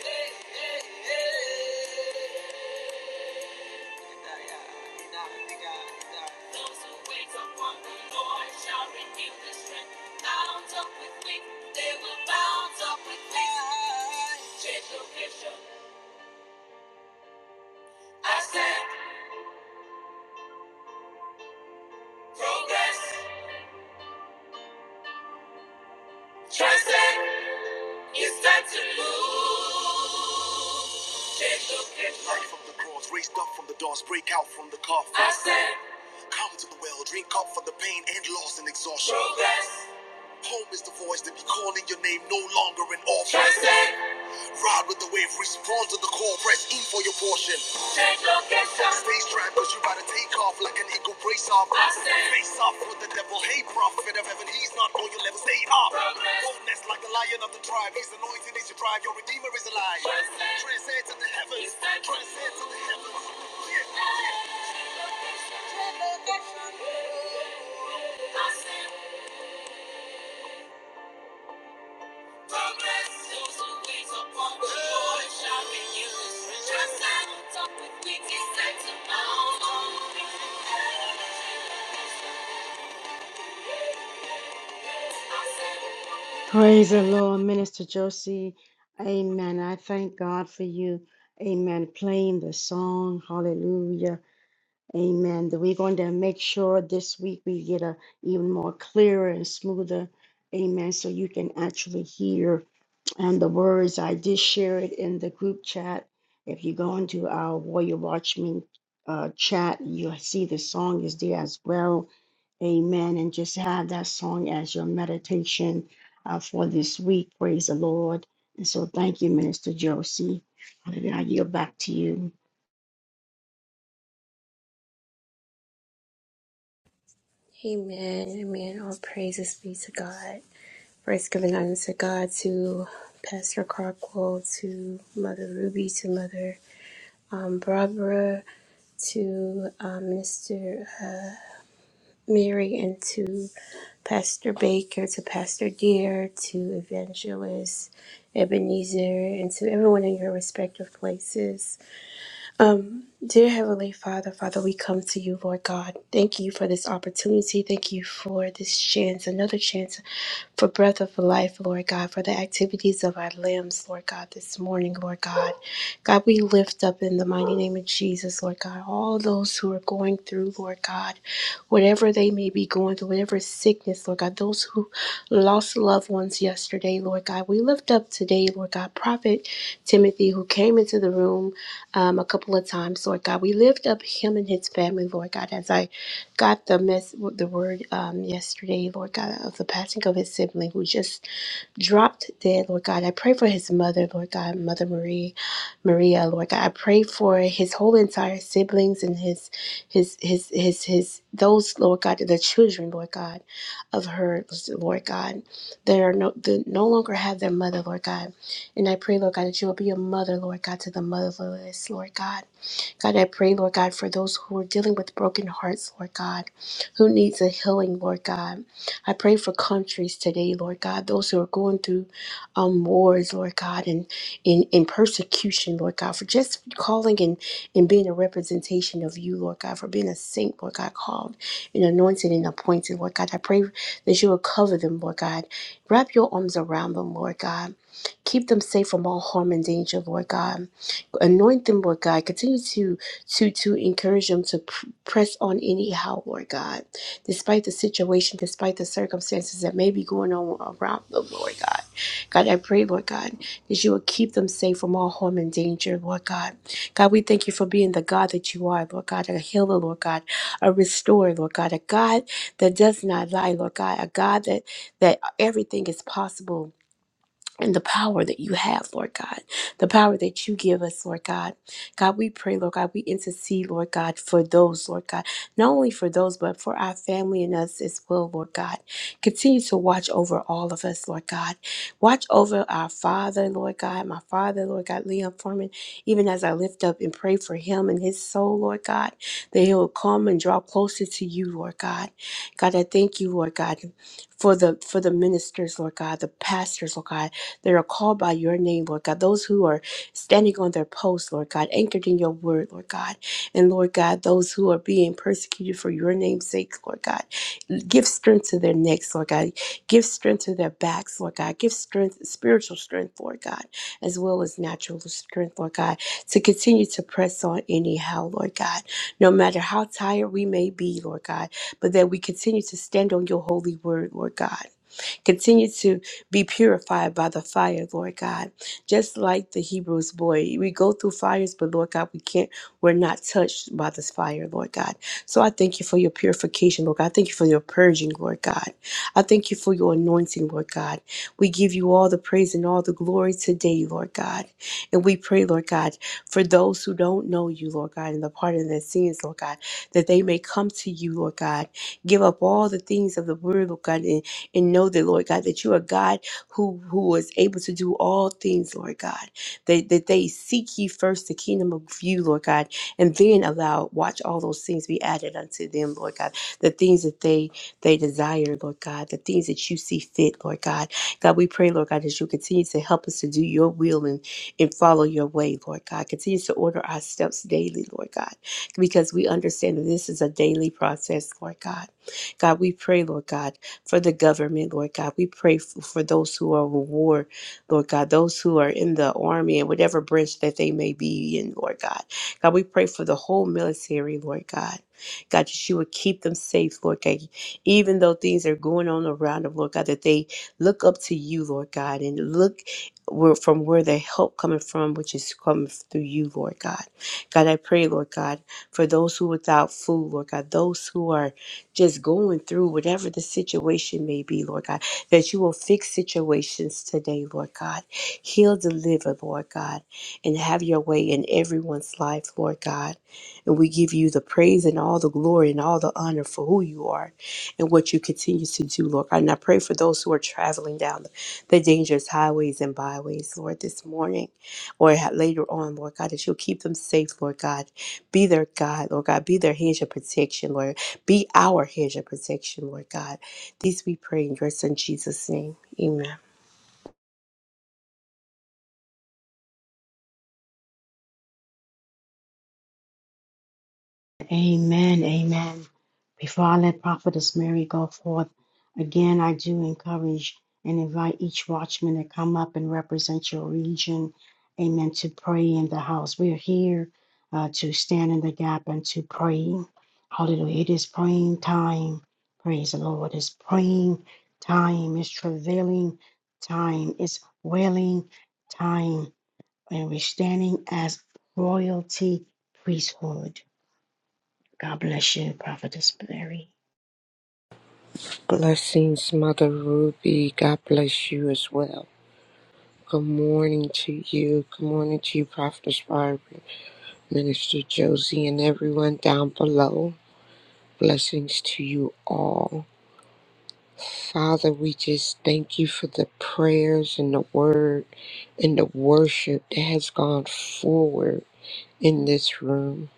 Those who wait upon the Lord shall renew their strength. Bound up with wings, they will bound up with wings. Change location, ascend, progress, transcend. It's time to move. Change location, ascend, progress, transcend. Change Change location. Praise the Lord, Minister Josie. Amen. I thank God for you. Amen. Playing the song. Hallelujah. Amen. That we're going to make sure this week we get a even more clearer and smoother. Amen. So you can actually hear and the words. I did share it in the group chat. If you go into our Warrior Watchman uh, chat, you'll see the song is there as well Amen. And just have that song as your meditation uh, for this week. Praise the Lord. And so thank you, Minister Josie. I yield back to you. Amen, amen. All praises be to God. Praise given honor to God, to Pastor Crockwell, to Mother Ruby, to Mother um, Barbara, to um, Mr. Mary and to Pastor Baker, to Pastor Deere, to Evangelist Ebenezer, and to everyone in your respective places. Um, dear Heavenly Father, Father, we come to you, Lord God. Thank you for this opportunity. Thank you for this chance, another chance for breath of life, Lord God, for the activities of our limbs, Lord God, this morning, Lord God. God, we lift up in the mighty name of Jesus, Lord God, all those those who are going through, Lord God, whatever they may be going through, whatever sickness, Lord God, those who lost loved ones yesterday, Lord God. We lift up today, Lord God, Prophet Timothy, who came into the room um, a couple of times, Lord God. We lift up him and his family, Lord God, as I got the mess, the word um, yesterday, Lord God, of the passing of his sibling who just dropped dead, Lord God. I pray for his mother, Lord God, Mother Marie. Maria, Lord God. I pray for his whole entire siblings and his his his his his those Lord God, the children, Lord God, of her, Lord God. They are no they no longer have their mother, Lord God. And I pray, Lord God, that you will be a mother, Lord God, to the motherless, Lord God. God, I pray, Lord God, for those who are dealing with broken hearts, Lord God, who needs a healing, Lord God. I pray for countries today, Lord God, those who are going through um, wars, Lord God, and in, in persecution, Lord God, for just calling and, and being a representation of you, Lord God, for being a saint, Lord God, called and anointed and appointed, Lord God. I pray that you will cover them, Lord God. Wrap your arms around them, Lord God. Keep them safe from all harm and danger, Lord God. Anoint them, Lord God. Continue to to to encourage them to pr- press on anyhow, Lord God, despite the situation, despite the circumstances that may be going on around them, Lord God. God, I pray, Lord God, that you will keep them safe from all harm and danger, Lord God. God, we thank you for being the God that you are, Lord God, a healer, Lord God, a restorer, Lord God, a God that does not lie, Lord God, a God that that everything is possible and the power that you have, Lord God, the power that you give us, Lord God. God, we pray, Lord God, we intercede, Lord God, for those, Lord God, not only for those, but for our family and us as well, Lord God. Continue to watch over all of us, Lord God. Watch over our father, Lord God, my father, Lord God, Leon Foreman, even as I lift up and pray for him and his soul, Lord God, that he will come and draw closer to you, Lord God. God, I thank you, Lord God, for the for the ministers, Lord God, the pastors, Lord God that are called by your name, Lord God, those who are standing on their posts, Lord God, anchored in your word, Lord God, and Lord God, those who are being persecuted for your name's sake, Lord God, give strength to their necks, Lord God, give strength to their backs, Lord God, give strength, spiritual strength, Lord God, as well as natural strength, Lord God, to continue to press on anyhow, Lord God, no matter how tired we may be, Lord God, but that we continue to stand on your holy word, Lord God. Continue to be purified by the fire, Lord God. Just like the Hebrews boy, we go through fires, but Lord God, we can't, we're not touched by this fire, Lord God. So I thank you for your purification, Lord God. I thank you for your purging, Lord God. I thank you for your anointing, Lord God. We give you all the praise and all the glory today, Lord God. And we pray, Lord God, for those who don't know you, Lord God, and the pardon of their sins, Lord God, that they may come to you, Lord God. Give up all the things of the word, Lord God, and, and know that, Lord God, that you are God who who was able to do all things, Lord God. That that they seek ye first the kingdom of you, Lord God, and then allow watch all those things be added unto them, Lord God. The things that they they desire, Lord God, the things that you see fit, Lord God. God, we pray, Lord God, that you continue to help us to do your will and, and follow your way, Lord God. Continue to order our steps daily, Lord God, because we understand that this is a daily process, Lord God. God, we pray, Lord God for the government, Lord God. We pray f- for those who are in war, Lord God, those who are in the army and whatever branch that they may be in, Lord God. God, we pray for the whole military, Lord God. God, that you would keep them safe, Lord God. Even though things are going on around them, Lord God, that they look up to you, Lord God, and look where, from where their help coming from, which is coming through you, Lord God. God, I pray, Lord God, for those who are without food, Lord God, those who are just going through whatever the situation may be, Lord God, that you will fix situations today, Lord God. Heal, deliver, Lord God, and have your way in everyone's life, Lord God. And we give you the praise and all the glory and all the honor for who you are and what you continue to do, Lord God. And I pray for those who are traveling down the dangerous highways and byways, Lord, this morning or ha- later on, Lord God, that you'll keep them safe, Lord God. Be their God, Lord God. Be their hedge of protection, Lord. Be our hedge of protection, Lord God. These we pray in your Son Jesus' name. Amen. Amen. Amen. Before I let Prophetess Mary go forth, again, I do encourage and invite each watchman to come up and represent your region. Amen. To pray in the house. We are here uh, to stand in the gap and to pray. Hallelujah. It is praying time. Praise the Lord. It's praying time. It's travailing time. It's wailing time. And we're standing as royalty priesthood. God bless you, Prophetess Mary. Blessings, Mother Ruby. God bless you as well. Good morning to you. Good morning to you, Prophetess Barbara, Minister Josie, and everyone down below. Blessings to you all. Father, we just thank you for the prayers and the word and the worship that has gone forward in this room.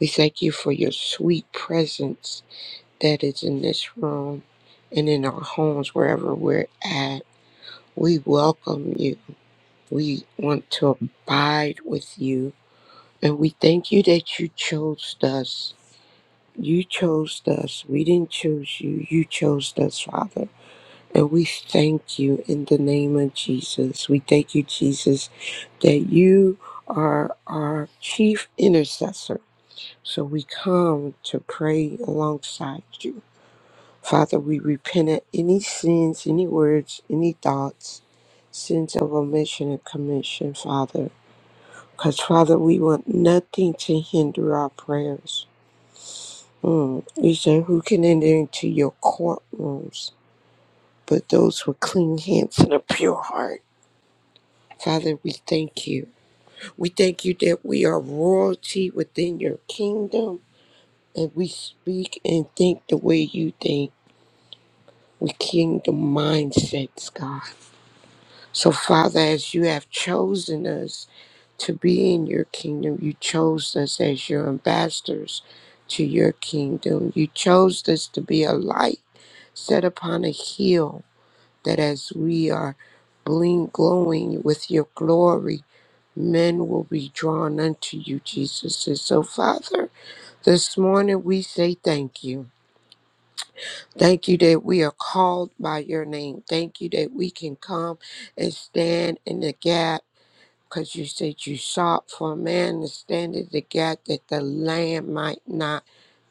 We thank you for your sweet presence that is in this room and in our homes, wherever we're at. We welcome you. We want to abide with you. And we thank you that you chose us. You chose us. We didn't choose you. You chose us, Father. And we thank you in the name of Jesus. We thank you, Jesus, that you are our chief intercessor. So we come to pray alongside you. Father, we repent of any sins, any words, any thoughts, sins of omission and commission, Father. Because, Father, we want nothing to hinder our prayers. Mm. You say, Who can enter into your courtrooms but those with clean hands and a pure heart? Father, we thank you. We thank you that we are royalty within your kingdom and we speak and think the way you think. We kingdom mindsets, God. So, Father, as you have chosen us to be in your kingdom, you chose us as your ambassadors to your kingdom. You chose us to be a light set upon a hill that as we are bling glowing with your glory, men will be drawn unto you, Jesus. And so, Father, this morning we say thank you. Thank you that we are called by your name. Thank you that we can come and stand in the gap because you said you sought for a man to stand in the gap that the land might not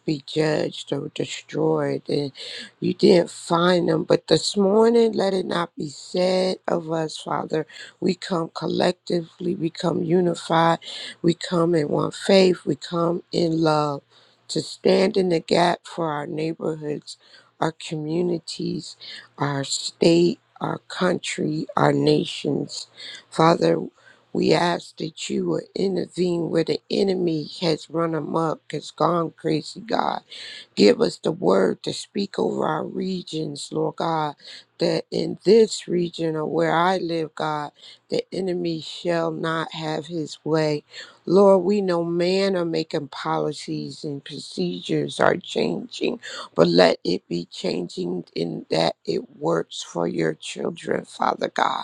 be judged or destroyed, and you didn't find them. But this morning, let it not be said of us, Father. We come collectively, we come unified, we come in one faith, we come in love to stand in the gap for our neighborhoods, our communities, our state. Our country, our nations. Father, we ask that you will intervene where the enemy has run amok, has gone crazy, God. Give us the word to speak over our regions, Lord God, that in this region of where I live, God, the enemy shall not have his way. Lord, we know man are making policies and procedures are changing, but let it be changing in that it works for your children, Father God.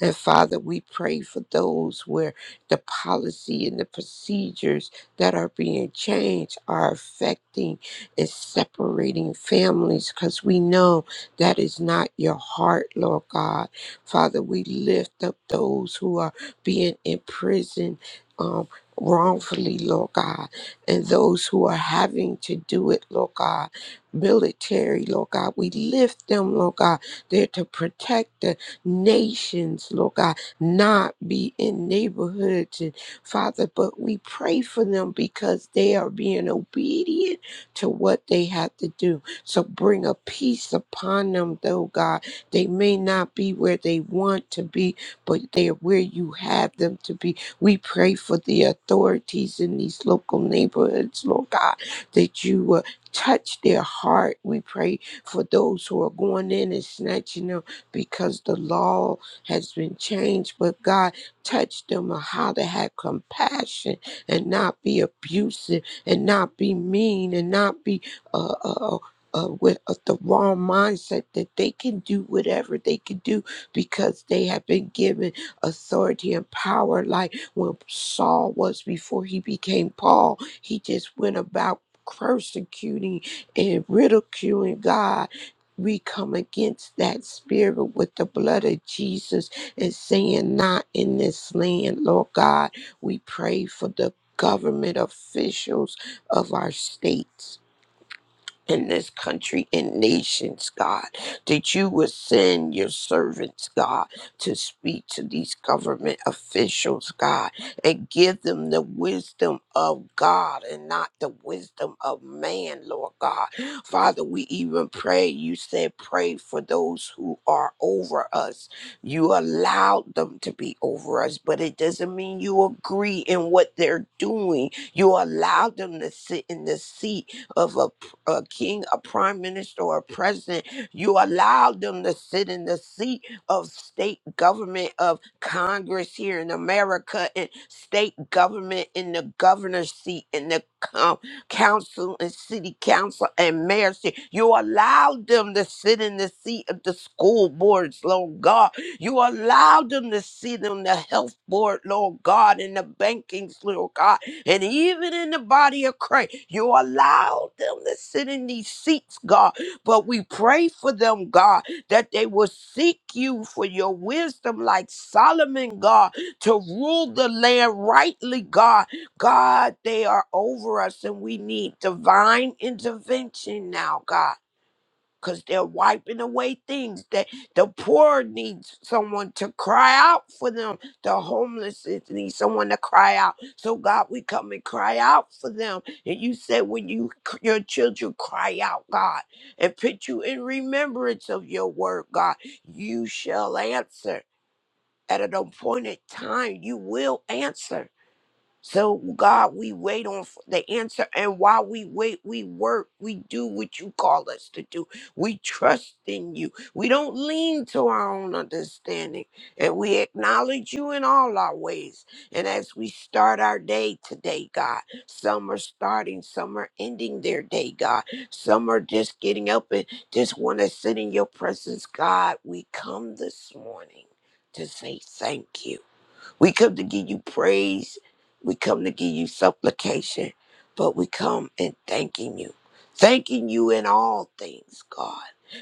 And Father, we pray for those where the policy and the procedures that are being changed are affecting and separating families because we know that is not your heart, Lord God. Father, we lift up those who are being imprisoned. Um, Wrongfully, Lord God, and those who are having to do it, Lord God, military, Lord God, we lift them, Lord God, They're to protect them nations, Lord God, not be in neighborhoods, and Father, but we pray for them because they are being obedient to what they have to do. So bring a peace upon them, though, God. They may not be where they want to be, but they're where you have them to be. We pray for the authorities in these local neighborhoods, Lord God, that you uh, touch their heart. We pray for those who are going in and snatching them because the law has been changed. But God, touch them on how to have compassion and not be abusive and not be mean and not be uh, uh, uh, uh, with uh, the wrong mindset that they can do whatever they can do because they have been given authority and power. Like when Saul was before he became Paul, he just went about persecuting and ridiculing God we come against that spirit with the blood of Jesus and saying, Not in this land, Lord God. We pray for the government officials of our states in this country and nations, God, that you would send your servants, God, to speak to these government officials, God, and give them the wisdom of God and not the wisdom of man, Lord God. Father, we even pray, you said, pray for those who are over us. You allowed them to be over us, but it doesn't mean you agree in what they're doing. You allowed them to sit in the seat of authority a king, a prime minister, or a president. You allow them to sit in the seat of state government, of Congress here in America, and state government in the governor's seat, in the um, council and city council and mayor seat. You allow them to sit in the seat of the school boards, Lord God. You allow them to sit on the health board, Lord God, and the bankings, Lord God and even in the body of Christ, you allow them to sit in these seats, God. But we pray for them, God, that they will seek you for your wisdom, like Solomon, God, to rule the land rightly, God. God, they are over us, and we need divine intervention now, God because they're wiping away things that the poor needs someone to cry out for them the homeless is- need someone to cry out so god we come and cry out for them and you said when you c- your children cry out god and put you in remembrance of your word god you shall answer at an appointed time you will answer so, God, we wait on f- the answer. And while we wait, we work. We do what you call us to do. We trust in you. We don't lean to our own understanding. And we acknowledge you in all our ways. And as we start our day today, God, some are starting, some are ending their day, God. Some are just getting up and just want to sit in your presence. God, we come this morning to say thank you. We come to give you praise. We come to give you supplication, but we come in thanking you. Thanking you in all things, God.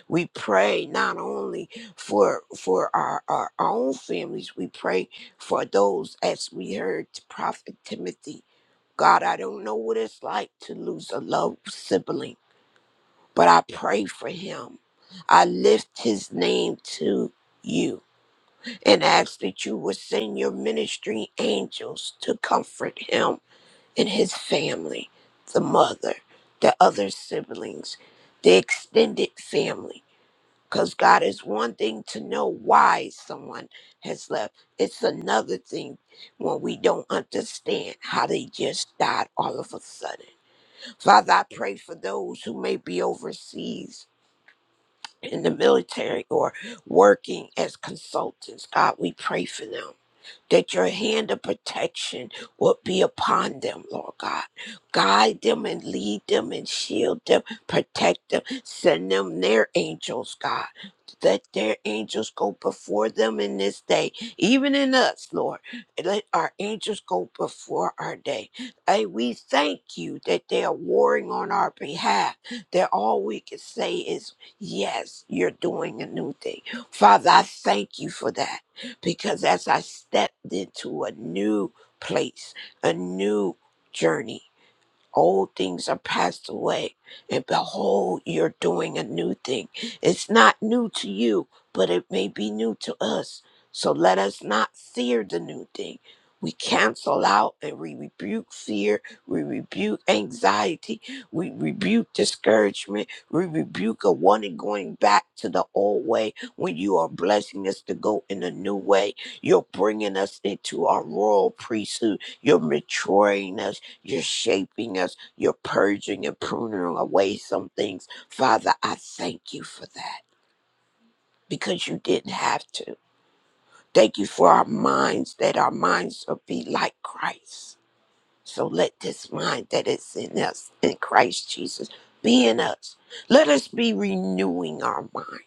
We pray not only for for our, our own families, we pray for those as we heard Prophet Timothy. God, I don't know what it's like to lose a loved sibling, but I pray for him. I lift his name to you and ask that you would send your ministry angels to comfort him and his family, the mother, the other siblings, the extended family. Because God is one thing to know why someone has left, it's another thing when we don't understand how they just died all of a sudden. Father, I pray for those who may be overseas in the military or working as consultants. God, we pray for them that your hand of protection would be upon them, Lord God. Guide them and lead them and shield them, protect them, send them their angels, God. Let their angels go before them in this day, even in us, Lord. Let our angels go before our day. Hey, we thank you that they are warring on our behalf, that all we can say is, Yes, you're doing a new thing. Father, I thank you for that because as I stepped into a new place, a new journey, old things are passed away, and behold, you're doing a new thing. It's not new to you, but it may be new to us. So let us not fear the new thing. We cancel out and we rebuke fear. We rebuke anxiety. We rebuke discouragement. We rebuke a wanting going back to the old way when you are blessing us to go in a new way. You're bringing us into our royal priesthood. You're maturing us you're shaping us. You're purging and pruning away some things. Father, I thank you for that because you didn't have to. Thank you for our minds, that our minds will be like Christ. So let this mind that is in us, in Christ Jesus, be in us. Let us be renewing our mind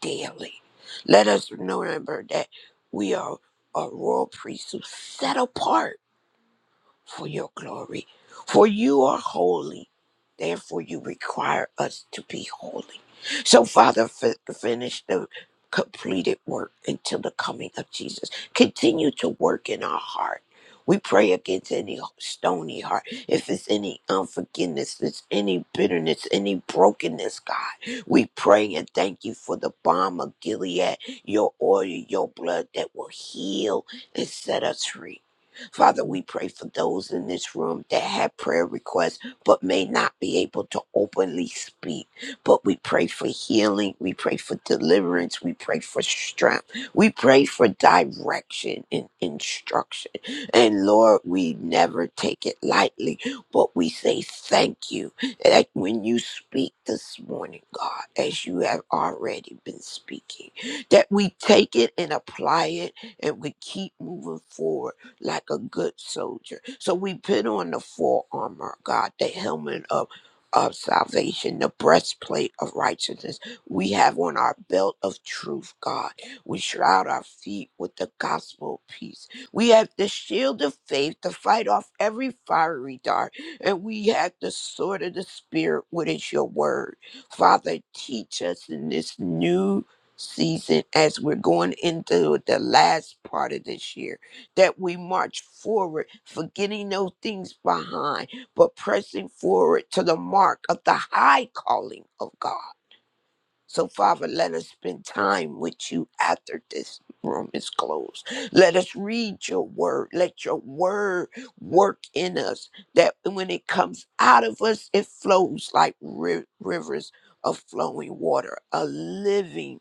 daily. Let us remember that we are a royal priesthood set apart for your glory. For you are holy, therefore you require us to be holy. So, Father, fi- finish the completed work until the coming of Jesus. Continue to work in our heart. We pray against any stony heart. If it's any unforgiveness, if it's any bitterness, any brokenness, God, we pray and thank you for the balm of Gilead, your oil, your blood that will heal and set us free. Father, we pray for those in this room that have prayer requests but may not be able to openly speak. But we pray for healing. We pray for deliverance. We pray for strength. We pray for direction and instruction. And Lord, we never take it lightly, but we say thank you that when you speak this morning, God, as you have already been speaking, that we take it and apply it and we keep moving forward like a good soldier. So we put on the full armor, of God, the helmet of of salvation, the breastplate of righteousness. We have on our belt of truth, God. We shroud our feet with the gospel of peace. We have the shield of faith to fight off every fiery dart. And we have the sword of the Spirit, which is your word. Father, teach us in this new season as we're going into the last part of this year that we march forward, forgetting no things behind, but pressing forward to the mark of the high calling of God. So, Father, let us spend time with you after this room is closed. Let us read your word. Let your word work in us that when it comes out of us, it flows like ri- rivers of flowing water, a living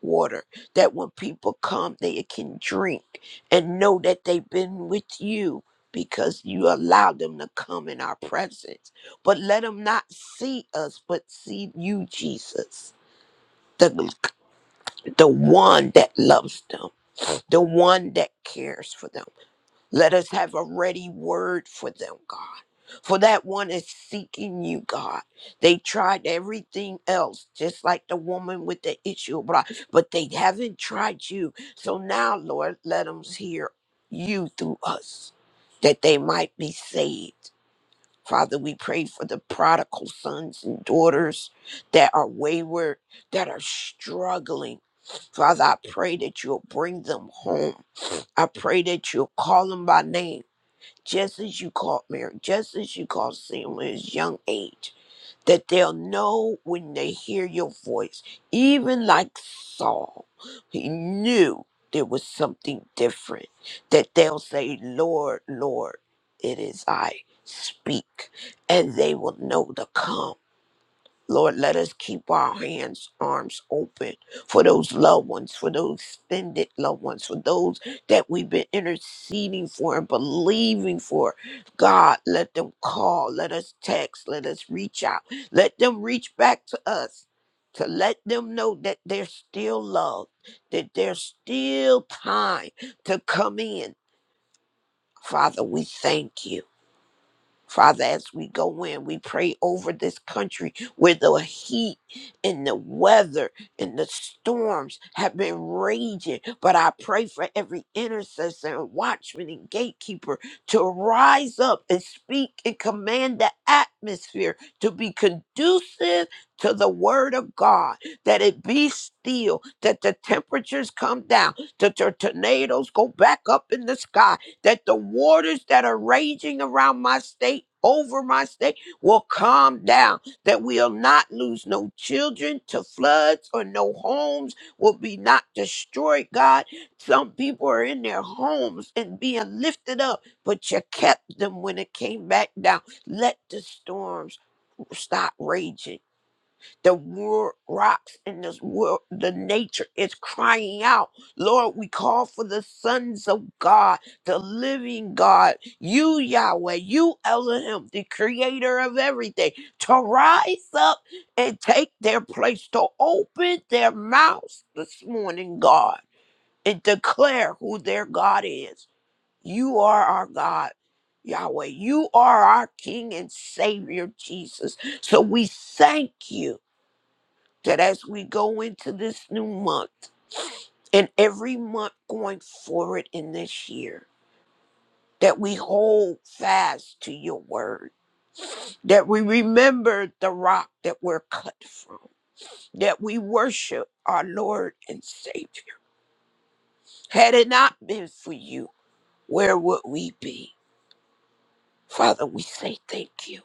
water that when people come, they can drink and know that they've been with you. Because you allow them to come in our presence. But let them not see us, but see you, Jesus the the one that loves them, the one that cares for them. Let us have a ready word for them, God. For that one is seeking you, God. They tried everything else, just like the woman with the issue of blood, but they haven't tried you. So now, Lord, let them hear you through us, that they might be saved Father, we pray for the prodigal sons and daughters that are wayward, that are struggling. Father, I pray that you'll bring them home. I pray that you'll call them by name, just as you called Mary, just as you called Samuel at his young age that they'll know when they hear your voice. Even like Saul, he knew there was something different, that they'll say, Lord, Lord, it is I. Speak, and they will know to come. Lord, let us keep our hands, arms open for those loved ones, for those extended loved ones, for those that we've been interceding for and believing for. God, let them call, let us text, let us reach out, let them reach back to us to let them know that they're still loved, that there's still time to come in. Father, we thank you. Father, as we go in, we pray over this country where the heat and the weather and the storms have been raging. But I pray for every intercessor and watchman and gatekeeper to rise up and speak and command the atmosphere to be conducive to the word of God, that it be still, that the temperatures come down, that the tornadoes go back up in the sky, that the waters that are raging around my state, over my state, will calm down, that we'll not lose no children to floods or no homes will be not destroyed, God. Some people are in their homes and being lifted up, but you kept them when it came back down. Let the storms stop raging the wor- rocks in this world, the nature is crying out. Lord, we call for the sons of God, the living God, you Yahweh, you Elohim, the creator of everything, to rise up and take their place, to open their mouths this morning, God, and declare who their God is. You are our God. Yahweh, you are our King and Savior, Jesus. So we thank you that as we go into this new month and every month going forward in this year, that we hold fast to your word, that we remember the rock that we're cut from, that we worship our Lord and Savior. Had it not been for you, where would we be? Father, we say thank you.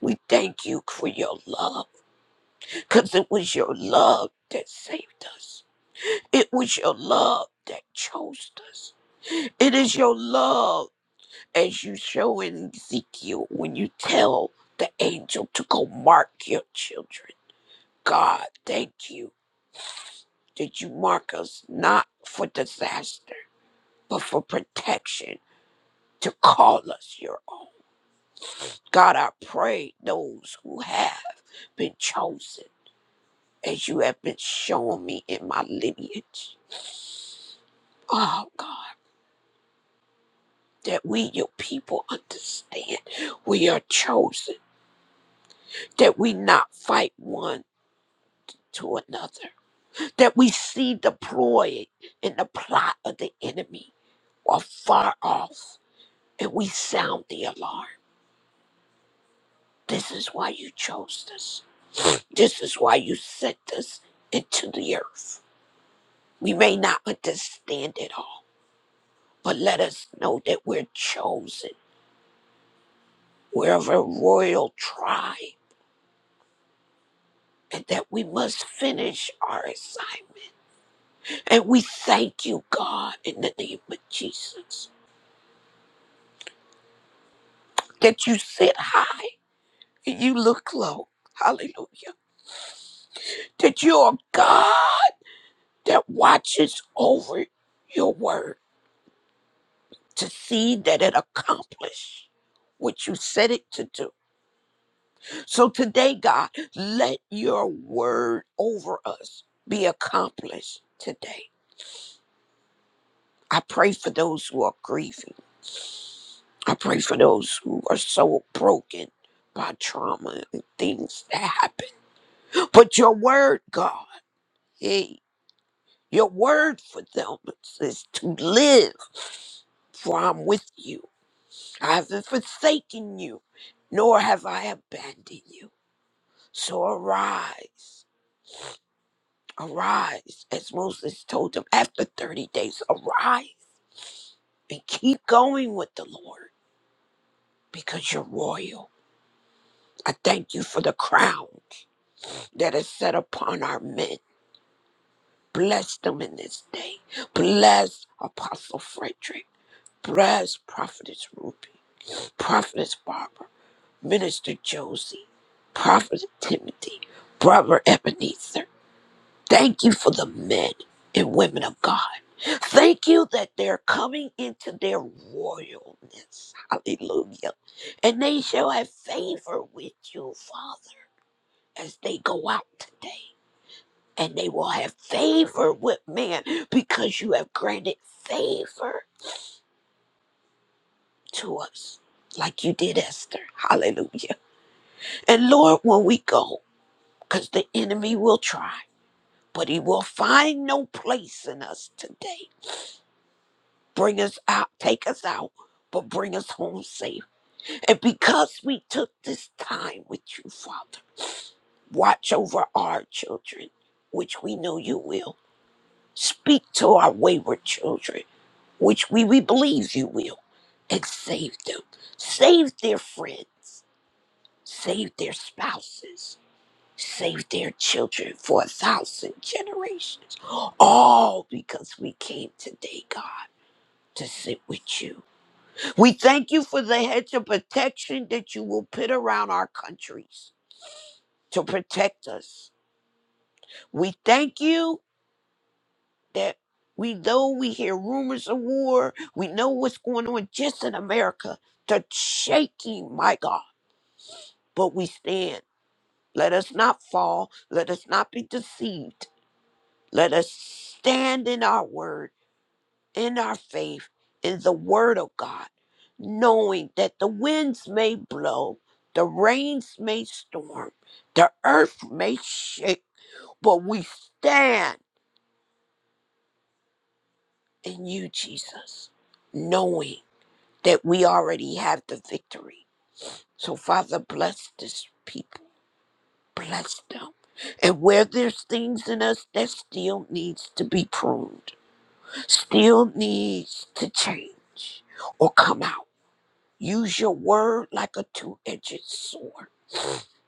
We thank you for your love, because it was your love that saved us. It was your love that chose us. It is your love, as you show in Ezekiel, when you tell the angel to go mark your children. God, thank you that you mark us not for disaster, but for protection to call us your own. God, I pray those who have been chosen, as you have been showing me in my lineage. Oh, God. that we, your people, understand we are chosen, that we not fight one to another, that we see the ploy and the plot of the enemy are far off, and we sound the alarm. This is why you chose us. This is why you sent us into the earth. We may not understand it all, but let us know that we're chosen. We're of a royal tribe, and that we must finish our assignment And we thank you, God, in the name of Jesus, that you sit high and you look low. Hallelujah. That you are God that watches over your word to see that it accomplish what you said it to do. So today, God, let your word over us be accomplished today. I pray for those who are grieving. I pray for those who are so broken by trauma and things that happen. But your word, God, hey, your word for them is to live, for I'm with you. I haven't forsaken you, nor have I abandoned you. So arise, arise, as Moses told them after 30 days, arise and keep going with the Lord because you're royal. I thank you for the crown. that is set upon our men. Bless them in this day. Bless Apostle Frederick. Bless Prophetess Ruby, Prophetess Barbara, Minister Josie, Prophet Timothy, Brother Ebenezer. Thank you for the men and women of God. Thank you that they're coming into their royalness. Hallelujah. And they shall have favor with you, Father, as they go out today. and they will have favor with man because you have granted favor to us, like you did Esther. Hallelujah. And Lord, when we go, because the enemy will try, but he will find no place in us today. Bring us out, take us out, but bring us home safe. And because we took this time with you, Father, watch over our children, which we know you will. Speak to our wayward children, which we, we believe you will, and save them. Save their friends. Save their spouses. Save their children for a thousand generations. All because we came today, God, to sit with you. We thank you for the hedge of protection that you will put around our countries to protect us. We thank you that we know we hear rumors of war, we know what's going on just in America. The shaking, my God, but we stand. Let us not fall. Let us not be deceived. Let us stand in our word, in our faith, in the word of God, knowing that the winds may blow, the rains may storm, the earth may shake, but we stand in you, Jesus, knowing. that we already have the victory. So, Father, bless this people, bless them. And where there's things in us that still needs to be pruned, still needs to change or come out, use your word like a two edged sword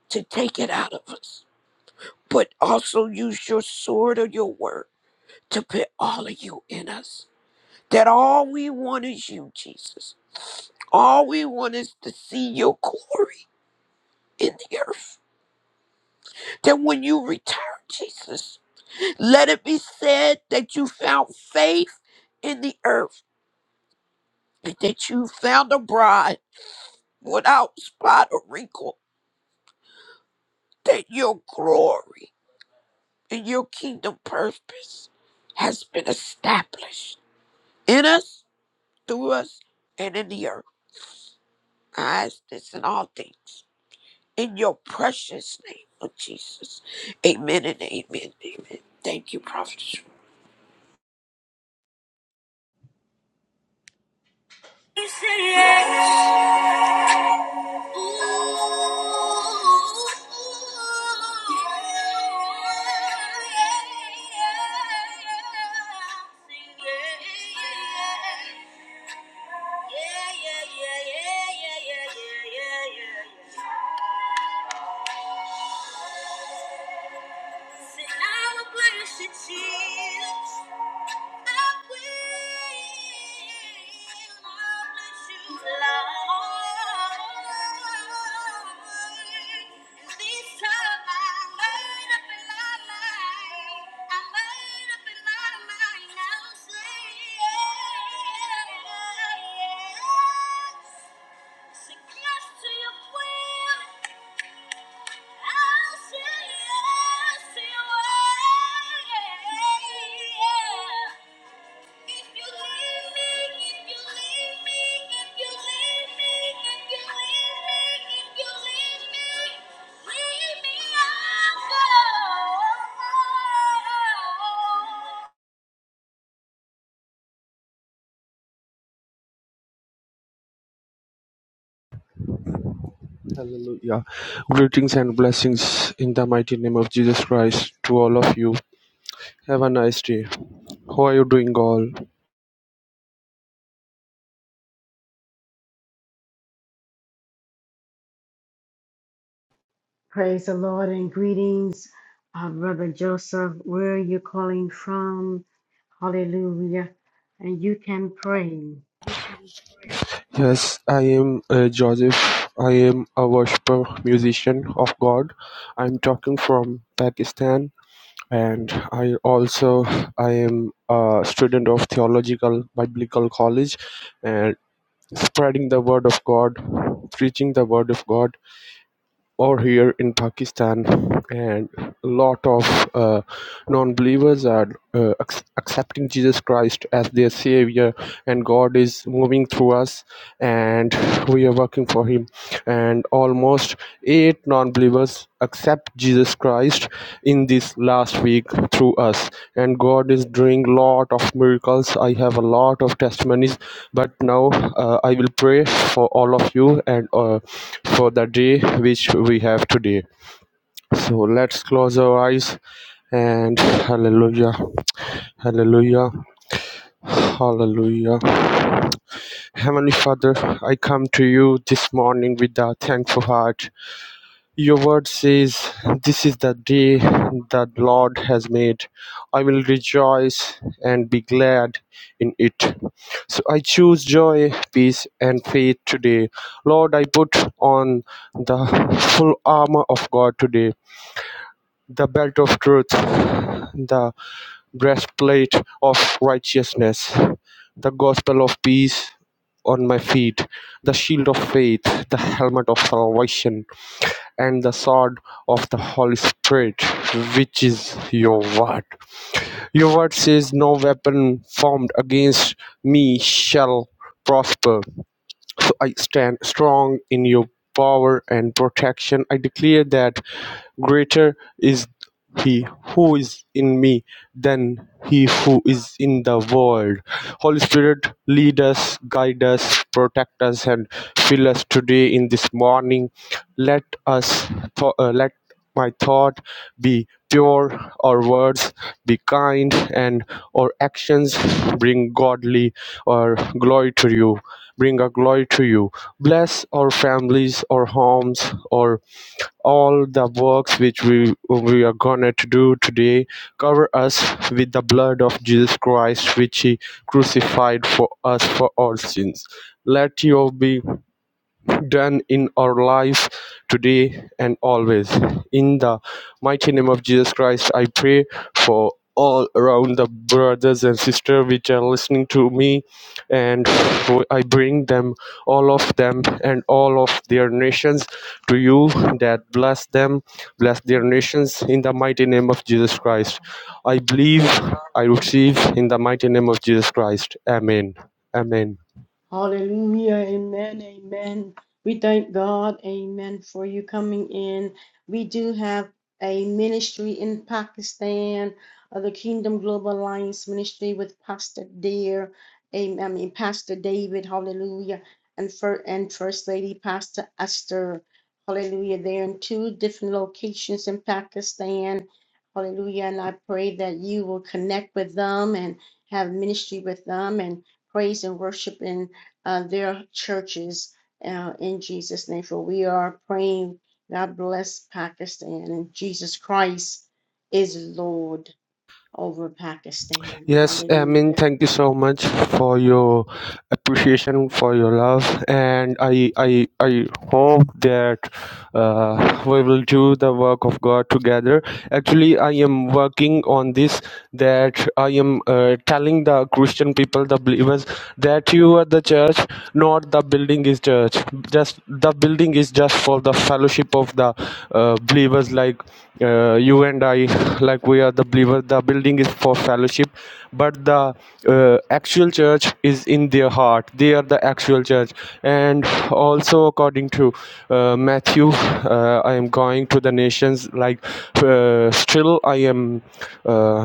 to take it out of us. But also use your sword or your word to put all of you in us. That all we want is you, Jesus. All we want is to see your glory in the earth. that when you return, Jesus, let it be said that you found faith in the earth and that you found a bride without spot or wrinkle, that your glory and your kingdom purpose has been established in us, through us, and in the earth. I ask this in all things. In your precious name of Jesus. Amen and amen. Amen. Thank you, Prophet. You said yes. Ooh. And I will bless you, Jesus. I will. i bless you, Lord. This time I made up in my mind. I made up in my mind. I'll say yes. Say yes to your will. Hallelujah. Greetings and blessings in the mighty name of Jesus Christ to all of you. Have a nice day. How are you doing, all? Praise the Lord and greetings, uh, Reverend Joseph. Where are you calling from? Hallelujah. And you can pray. Yes, I am uh, Joseph. I am a worshiper musician of God. I'm talking from Pakistan, and I also I am a student of theological biblical college, and spreading the word of God, preaching the word of God or here in Pakistan, and a lot of uh, non-believers are uh, ac- accepting Jesus Christ as their Savior, and God is moving through us, and we are working for Him. And almost eight non-believers accept Jesus Christ in this last week through us, and God is doing lot of miracles. I have a lot of testimonies but now uh, I will pray for all of you and uh, for the day which we have today. So let's close our eyes and hallelujah, hallelujah, hallelujah. Heavenly Father, I come to you this morning with a thankful heart. Your word says, This is the day that Lord has made. I will rejoice and be glad in it. So I choose joy, peace, and faith today. Lord, I put on the full armor of God today the belt of truth, the breastplate of righteousness, the gospel of peace on my feet, the shield of faith, the helmet of salvation and the sword of the Holy Spirit, which is your word. Your word says, No weapon formed against me shall prosper. So I stand strong in your power and protection. I declare that Greater is he who is in me than he who is in the world. Holy Spirit, lead us, guide us, protect us, and fill us today in this morning. Let us, tho- uh, let my thought be pure, our words be kind, and our actions bring godly or glory to you. Bring a glory to you. Bless our families, our homes, our all the works which we we are gonna to do today cover us with the blood of jesus christ which he crucified for us for our sins let your be done in our life today and always. In the mighty name of Jesus Christ, I pray for all around the brothers and sisters which are listening to me and for- i bring them all of them and all of their nations to you that bless them bless their nations in the mighty name of jesus christ i believe i receive in the mighty name of jesus christ amen amen Hallelujah. Amen. Amen. We thank God. Amen. For you coming in. We do have a ministry in Pakistan, uh, the Kingdom Global Alliance Ministry with Pastor Dear. Amen. I mean, Pastor David. Hallelujah. And, for, and First Lady Pastor Esther. Hallelujah. They're in two different locations in Pakistan. Hallelujah. And I pray that you will connect with them and have ministry with them and praise and worship and uh, their churches uh, in Jesus' name. For we are praying, God bless Pakistan, and Jesus Christ is Lord over Pakistan. Yes, I mean, Hallelujah. thank you so much for your appreciation, for your love, and I, I, I hope that uh, we will do the work of God together actually i am working on this that i am uh, telling the christian people the believers that you are the church not the building is church just the building is just for the fellowship of the uh, believers like uh, you and i like we are the believers the building is for fellowship but the uh, actual church church is in their heart they are the actual church and also according to uh, matthew uh, i am going to the nations like uh, still i am uh,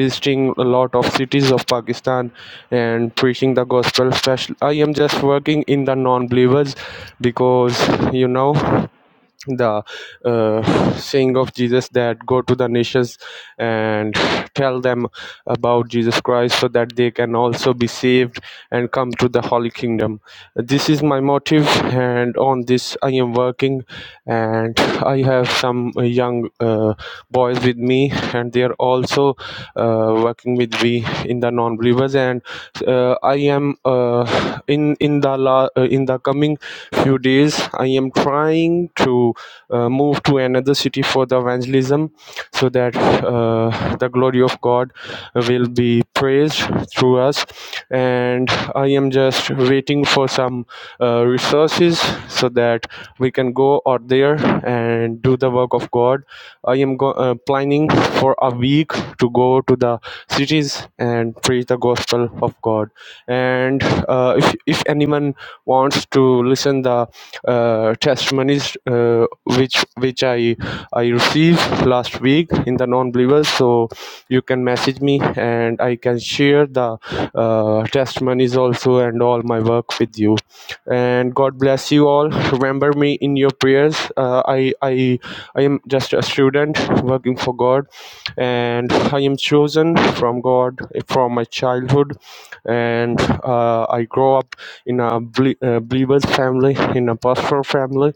visiting a lot of cities of pakistan and preaching the gospel especially i am just working in the non-believers because you know the uh, saying of Jesus that go to the nations and tell them about Jesus Christ so that they can also be saved and come to the Holy Kingdom. This is my motive, and on this I am working and i have some uh, young uh, boys with me and they are also uh, working with me in the non believers and uh, i am uh, in in the la- uh, in the coming few days i am trying to uh, move to another city for the evangelism so that uh, the glory of god will be praised through us and i am just waiting for some uh, resources so that we can go out there and do the work of god i am go- uh, planning for a week to go to the cities and preach the gospel of god and uh, if, if anyone wants to listen the uh, testimonies uh, which which i i received last week in the non-believers so you can message me and i can share the uh, testimonies also and all my work with you and god bless you all remember me in your prayers uh, i i i am just a student working for god and i am chosen from god from my childhood and uh, i grow up in a ble- uh, believer's family in a pastoral family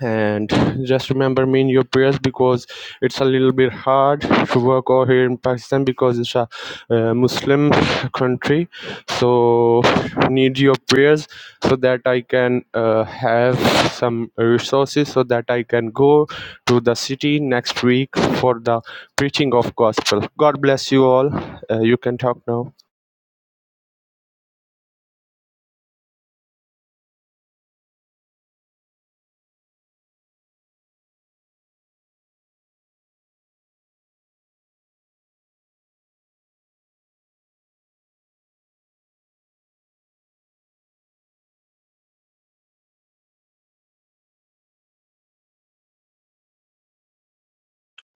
and just remember me in your prayers because it's a little bit hard to work over here in pakistan because it's a uh, muslim country so need your prayers so that i can uh, have some resources so that i can go to the city next week for the preaching of gospel god bless you all uh, you can talk now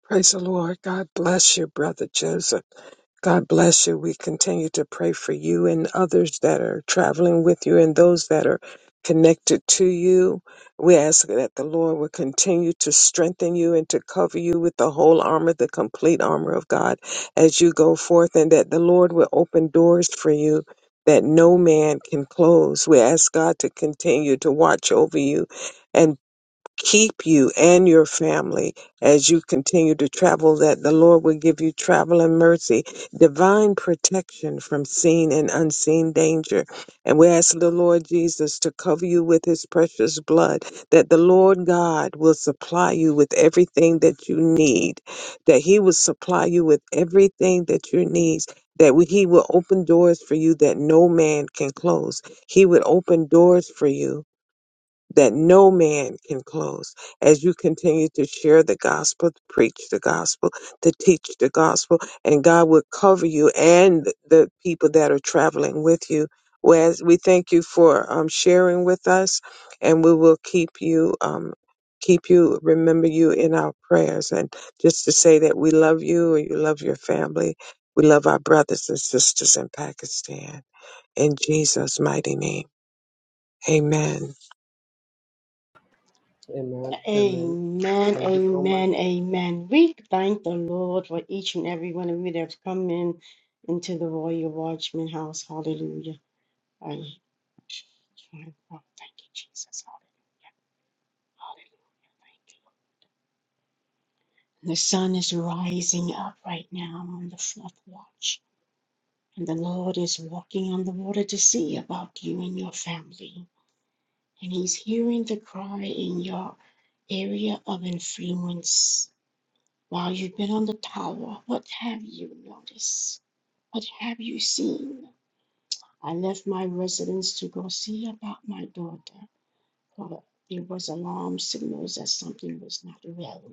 Praise the Lord. God bless you, Brother Joseph. God bless you. We continue to pray for you and others that are traveling with you and those that are connected to you. We ask that the Lord will continue to strengthen you and to cover you with the whole armor, the complete armor of God as you go forth, and that the Lord will open doors for you that no man can close. We ask God to continue to watch over you keep you and your family as you continue to travel, that the Lord will give you travel and mercy, divine protection from seen and unseen danger. And we ask the Lord Jesus to cover you with his precious blood, that the Lord God will supply you with everything that you need, that he will supply you with everything that you need. That he will open doors for you that no man can close. He would open doors for you that no man can close. As you continue to share the gospel, to preach the gospel, to teach the gospel, and God will cover you and the people that are traveling with you. Whereas we thank you for um, sharing with us, and we will keep you, um, keep you, remember you in our prayers. And just to say that we love you, and you love your family. We love our brothers and sisters in Pakistan. In Jesus' mighty name, Amen. amen amen Amen, thank you so much amen, amen. We thank the Lord for each and every one of you that have come in into the Royal Watchman House. Hallelujah. I thank you, Jesus. Hallelujah. Thank you. The sun is rising up right now on the flood watch, and the Lord is walking on the water to see about you and your family. And He's hearing the cry in your area of influence. While you've been on the tower, what have you noticed? What have you seen? I left my residence to go see about my daughter, for there was alarm signals that something was not well.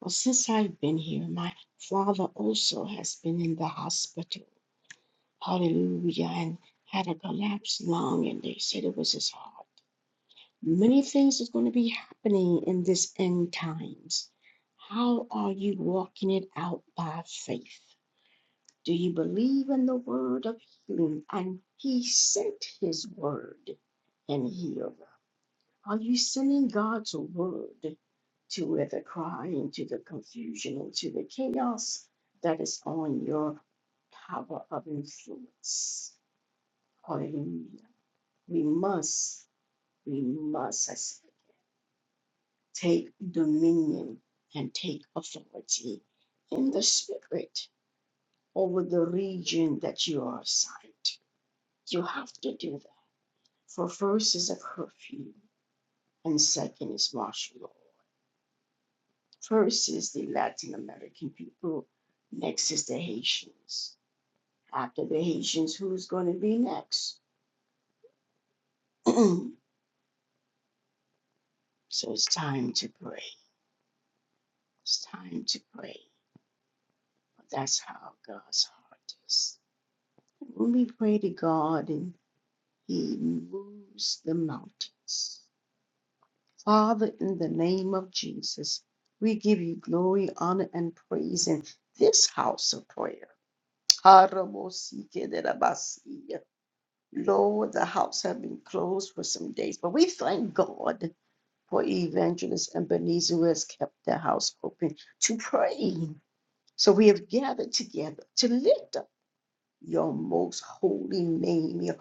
Well, since I've been here, my father also has been in the hospital. Hallelujah. And had a collapsed lung, and they said it was his heart. Many things is going to be happening in this end times. How are you walking it out by faith? Do you believe in the word of healing? And he sent his word and healed. Are you sending God's word to where the crying, to the confusion, and to the chaos that is on your power of influence? Hallelujah. We must, we must I said, take dominion and take authority in the spirit over the region that you are assigned. You have to do that. For first is a curfew, and second is martial law. First is the Latin American people, next is the Haitians. After the Haitians, who's going to be next? so it's time to pray. It's time to pray. That's how God's heart is. When we pray to God and He moves the mountains. Father, in the name of Jesus, we give you glory, honor, and praise in this house of prayer. Lord, the house have been closed for some days, but we thank God for Evangelist Ebenezer who has kept the house open to pray. So we have gathered together to lift up your most holy name, your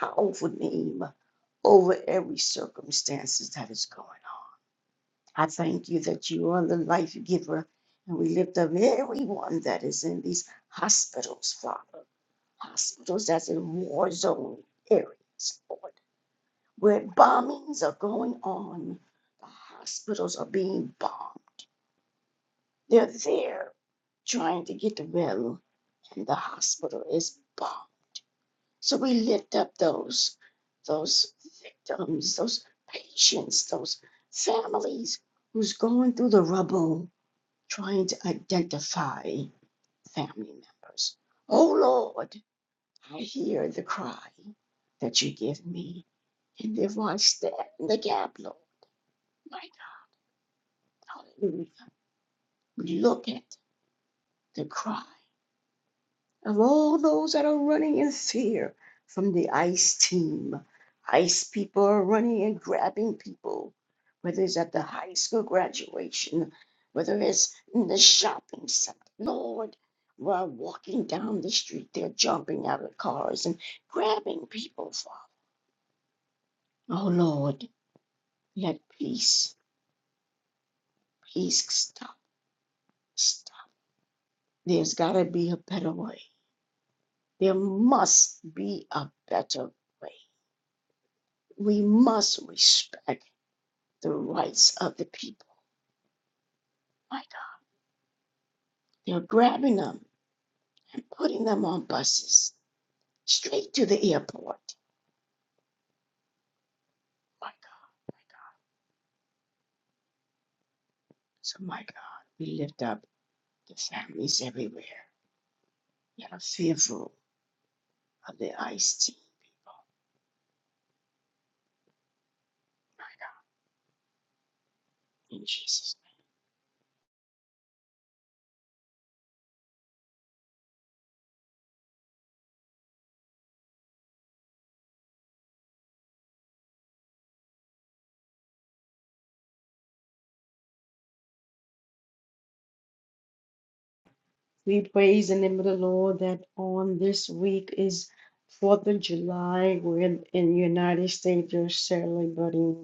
powerful name over every circumstances that is going on. I thank you that you are the life giver, and we lift up everyone that is in these hospitals, Father, hospitals that's in war zone areas. Lord where bombings are going on. The hospitals are being bombed. They're there trying to get the well, and the hospital is bombed. So we lift up those, those victims, those patients, those families who's going through the rubble trying to identify family members. Oh Lord, I hear the cry that you give me. And therefore I stand in the gap, Lord. My Hallelujah. Look at the cry of all those that are running in fear from the ICE team. ICE people are running and grabbing people, whether it's at the high school graduation, whether it's in the shopping center. Lord, while walking down the street, they're jumping out of cars and grabbing people, Father. Oh, Lord, let peace, peace stop, stop. There's got to be a better way. There must be a better way. We must respect the rights of the people. My God, they're grabbing them and putting them on buses straight to the airport. My God. So, my God, we lift up the families everywhere that are fearful of the iced tea in Jesus' name. We praise the name of the Lord that on this week is Fourth of July. We're in the United States, they're celebrating.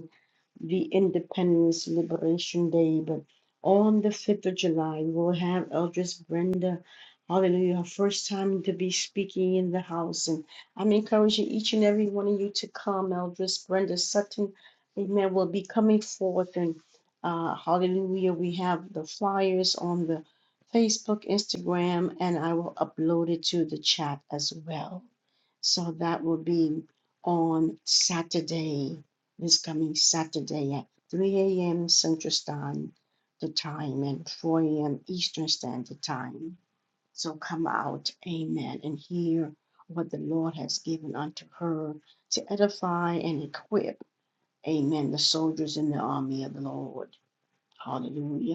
the Independence Liberation Day, but on the 5th of July, we'll have Eldris Brenda, hallelujah, her first time to be speaking in the house. And I'm encouraging each and every one of you to come. Eldris Brenda Sutton, amen, will be coming forth. And uh, hallelujah, we have the flyers on the Facebook, Instagram, and I will upload it to the chat as well. So that will be on Saturday this coming Saturday at 3 a.m. Central Standard Time and 4 a.m. Eastern Standard Time. So come out, amen, and hear what the Lord has given unto her to edify and equip, amen, the soldiers in the army of the Lord. Hallelujah.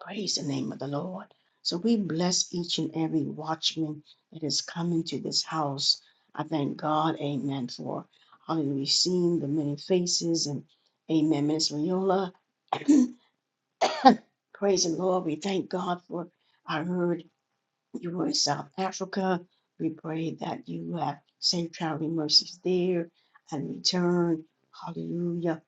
Praise the name of the Lord. So we bless each and every watchman that is coming to this house. I thank God, amen, for hallelujah, seeing the many faces and amen, Miss Viola. Praise the Lord. We thank God for I heard you were in South Africa. We pray that you have safe traveling mercies there and return. Hallelujah.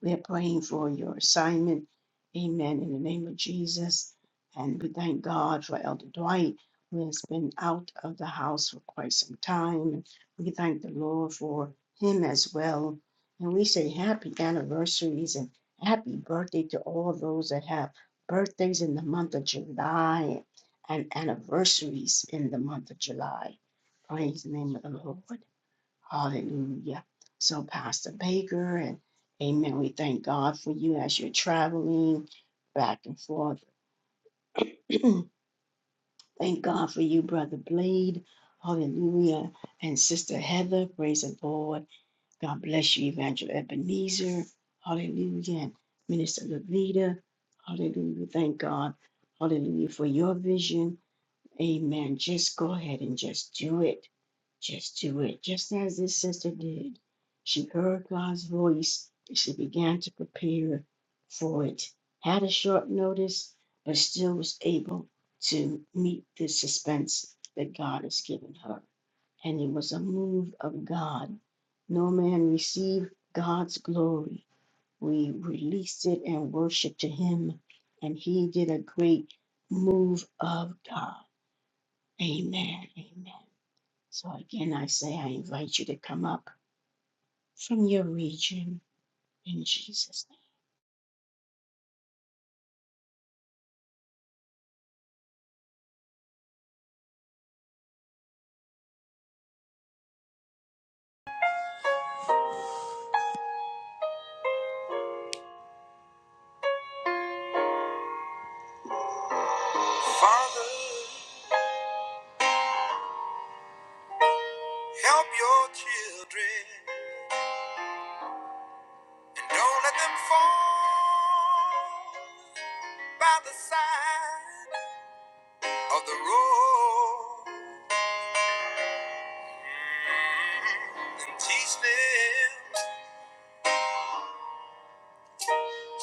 We are praying for your assignment. Amen. In the name of Jesus. And we thank God for Elder Dwight, who has been out of the house for quite some time. And we thank the Lord for him as well. And we say happy anniversaries and happy birthday to all those that have birthdays in the month of July and anniversaries in the month of July. Praise the name of the Lord. Hallelujah. So, Pastor Baker, and amen. We thank God for you as you're traveling back and forth. thank God for you, Brother Blade. Hallelujah. And Sister Heather, praise the Lord. God bless you, Evangel Ebenezer. Hallelujah. And Minister Levita, hallelujah. We Thank God. Hallelujah for your vision. Amen. Just go ahead and just do it. Just do it. Just as this sister did. She heard God's voice. and She began to prepare for it. Had a short notice, but still was able to meet the suspense that God has given her. And it was a move of God. No man received God's glory. We released it and worshiped to Him, and He did a great move of God. Amen. Amen. So again, I say I invite you to come up from your region in Jesus' name. Father, help your children and don't let them fall by the side of the road and teach them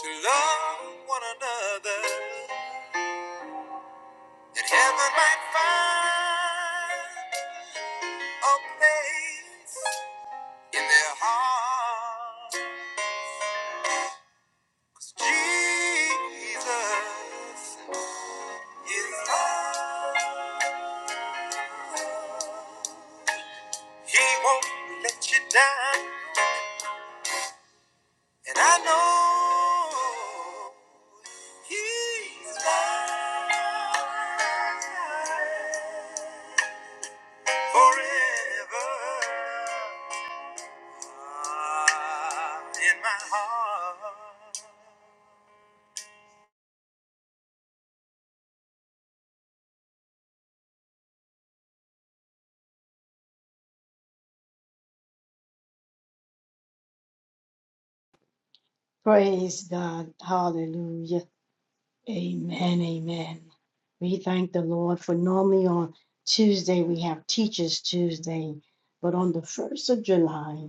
to love one another that heaven might find a place in their heart. 'Cause Jesus is love. He won't let you down, and I know He's love. Praise God. Hallelujah. Amen. Amen. We thank the Lord for normally on Tuesday we have Teachers Tuesday, but on the 1st of July,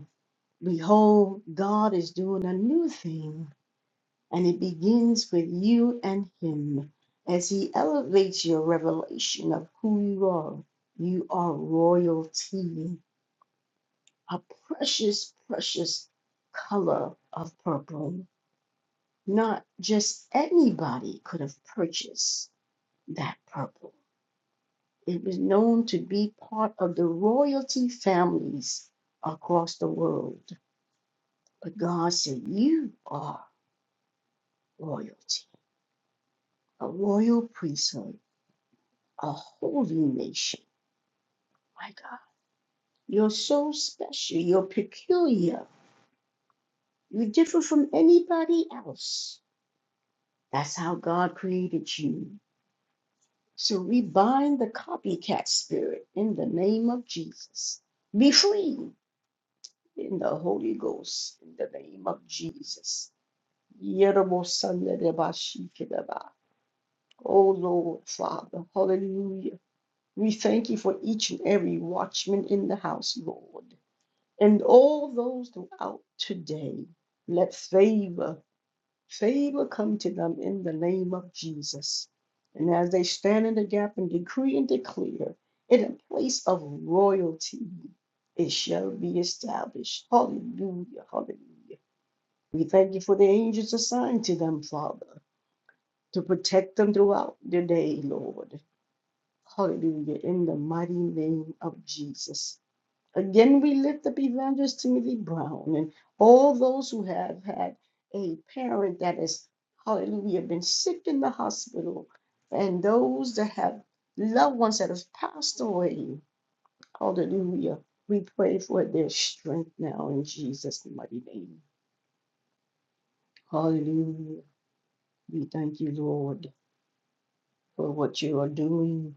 behold, God is doing a new thing. And it begins with you and Him as He elevates your revelation of who you are. You are royalty, a precious, precious color of purple. Not just anybody could have purchased that purple. It was known to be part of the royalty families across the world. But God said, You are royalty, a royal priesthood, a holy nation My God, you're so special. You're peculiar. You're different from anybody else. That's how God created you. So we bind the copycat spirit in the name of Jesus. Be free in the Holy Ghost in the name of Jesus. Yerobosanedebashikidaba. Oh Lord, Father, hallelujah. We thank you for each and every watchman in the house, Lord. And all those throughout today, let favor, favor come to them in the name of Jesus. And as they stand in the gap and decree and declare, in a place of royalty, it shall be established. Hallelujah, hallelujah. We thank you for the angels assigned to them, Father, to protect them throughout the day, Lord. Hallelujah, in the mighty name of Jesus. Again, we lift up Evangelist Timothy Brown and all those who have had a parent that has hallelujah, been sick in the hospital, and those that have loved ones that have passed away. Hallelujah. We pray for their strength now in Jesus' mighty name. Hallelujah. We thank you, Lord, for what you are doing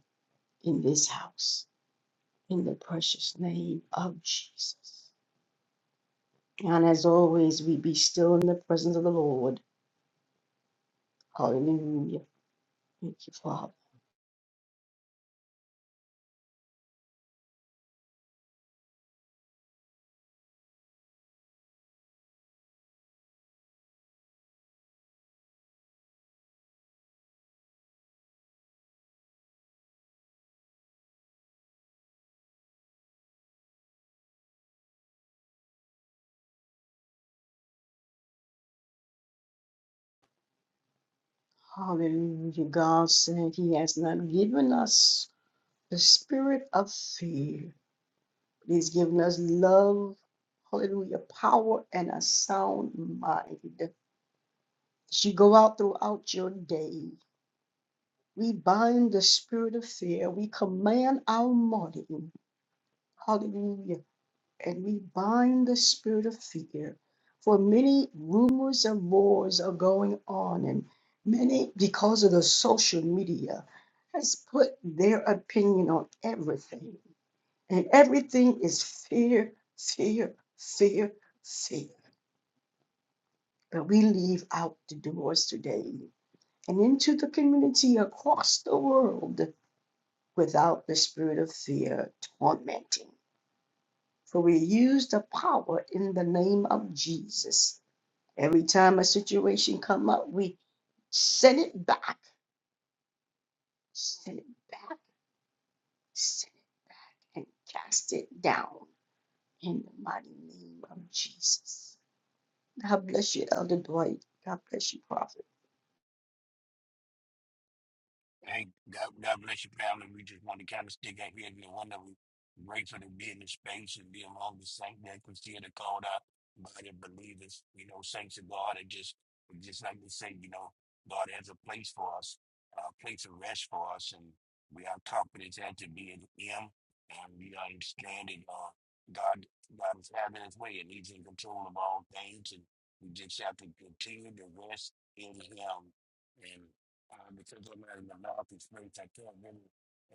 in this house, in the precious name of Jesus. And as always, we be still in the presence of the Lord Hallelujah. Thank you, Father. Hallelujah. God said He has not given us the spirit of fear, but He's given us love, hallelujah, power, and a sound mind. As you go out throughout your day, we bind the spirit of fear. We command our morning. Hallelujah and we bind the spirit of fear. For many rumors of wars are going on, and many, because of the social media, has put their opinion on everything. And everything is fear, fear, fear, fear. But we leave out the doors today and into the community across the world without the spirit of fear tormenting. For we use the power in the name of Jesus Every time a situation come up, we send it back, send it back, send it and cast it down in the mighty name of Jesus. God bless you, Elder Dwight. God bless you, Prophet. Hey, God, God bless your family. We just want to kind of stick out here and one that we grateful to be in the space and be among the saints that consider the called out by the believers, you know, saints of God. And just, just like we say, you know, God has a place for us, a place of rest for us. And we have confidence had to be in Him. And we understand that uh, God, God is having His way and He's in control of all things. And we just have to continue to rest in Him uh, because I'm not in the mouth experience. I can't really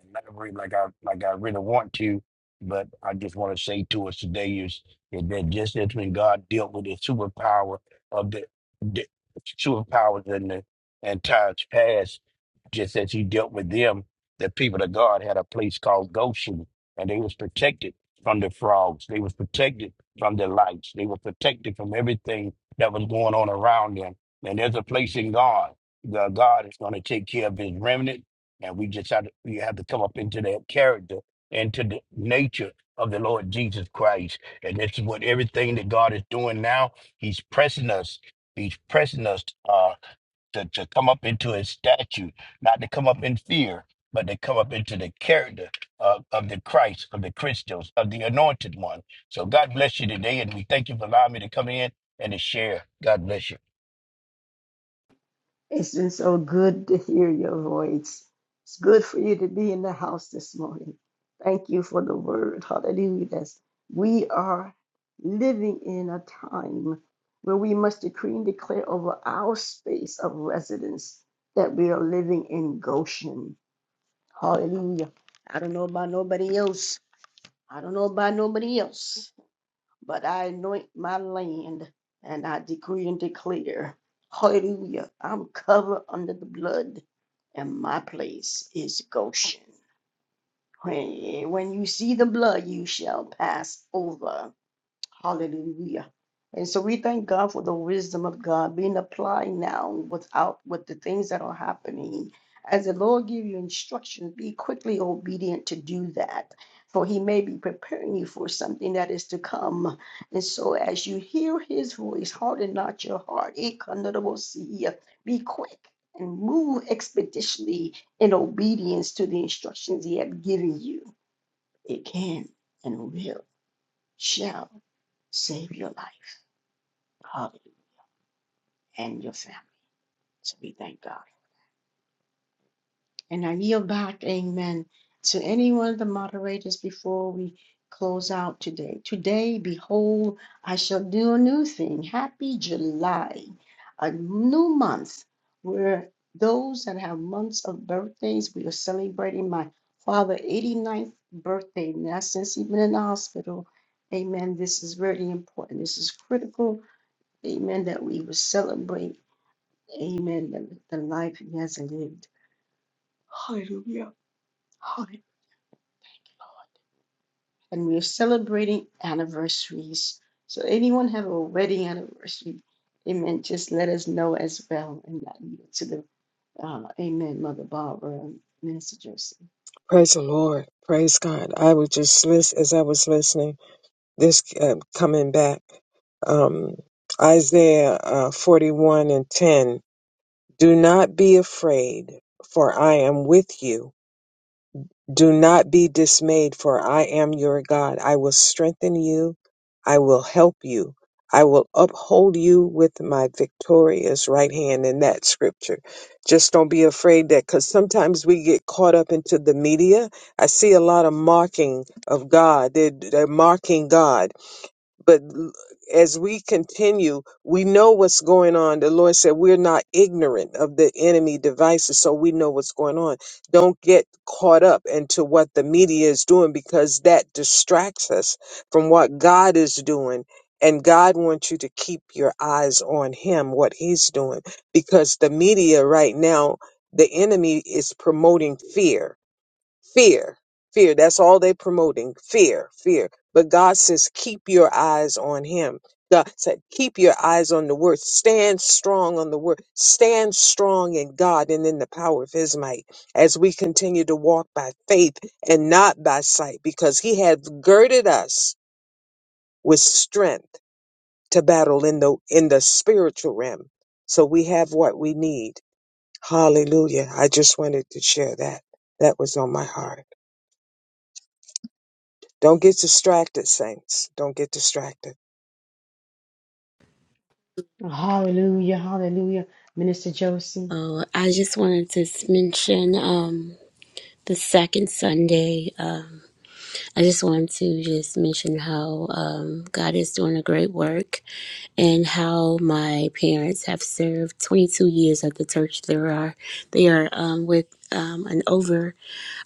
elaborate like I like I really want to, but I just want to say to us today is, is that just as when God dealt with the superpower of the, the superpowers in the and times past, just as He dealt with them, the people of God had a place called Goshen, and they was protected from the frogs. They was protected from the lights. They were protected from everything that was going on around them. And there's a place in God the God is going to take care of his remnant. And we just have to, we have to come up into that character, into the nature of the Lord Jesus Christ. And this is what everything that God is doing now. He's pressing us. He's pressing us uh, to, to come up into his statue, not to come up in fear, but to come up into the character of, of the Christ, of the Christos, of the anointed one. So God bless you today. And we thank you for allowing me to come in and to share. God bless you. It's been so good to hear your voice. It's good for you to be in the house this morning. Thank you for the word. Hallelujah. That's- We are living in a time where we must decree and declare over our space of residence that we are living in Goshen. Hallelujah. I don't know about nobody else. I don't know about nobody else but I anoint my land and I decree and declare, hallelujah, I'm covered under the blood and my place is Goshen. When when you see the blood, you shall pass over. Hallelujah. And so we thank God for the wisdom of God being applied now without with the things that are happening. As the Lord give you instructions, be quickly obedient to do that. For he may be preparing you for something that is to come. And so as you hear his voice, harden not your heart. Ikanodobosia. Be quick and move expeditiously in obedience to the instructions he has given you. It can and will shall save your life uh, and your family. So we thank God. And I yield back, amen, to any one of the moderators before we close out today. Today, behold, I shall do a new thing. Happy July, a new month where those that have months of birthdays, we are celebrating my father ninth birthday. Now, since he's been in the hospital, amen, this is really important. This is critical, amen, that we will celebrate. Amen. The, the life he has lived. Hallelujah. Hallelujah. And we are celebrating anniversaries. So anyone have a wedding anniversary? Amen. Just let us know as well. And to the uh, Amen, Mother Barbara and Minister Josie. Praise the Lord. Praise God. I was just listen as I was listening. This uh, coming back, um, Isaiah uh, forty-one and ten. Do not be afraid, for I am with you. Do not be dismayed, for I am your God. I will strengthen you. I will help you. I will uphold you with my victorious right hand in that scripture. Just don't be afraid that because sometimes we get caught up into the media. I see a lot of mocking of God. They're, they're mocking God but l- as we continue, we know what's going on. The Lord said we're not ignorant of the enemy devices, so we know what's going on. Don't get caught up into what the media is doing because that distracts us from what God is doing. And God wants you to keep your eyes on Him, what He's doing, because the media right now, the enemy is promoting fear fear fear that's all they promoting fear fear but god says keep your eyes on him god said keep your eyes on the word stand strong on the word stand strong in god and in the power of his might as we continue to walk by faith and not by sight because he hath girded us with strength to battle in the in the spiritual realm so we have what we need hallelujah i just wanted to share that that was on my heart Don't get distracted, saints. Don't get distracted. Hallelujah, hallelujah. Minister Josie. Oh, I just wanted to mention um the second Sunday. Um, I just wanted to just mention how um, God is doing a great work and how my parents have served 22 years at the church. There are they are um, with um, an over.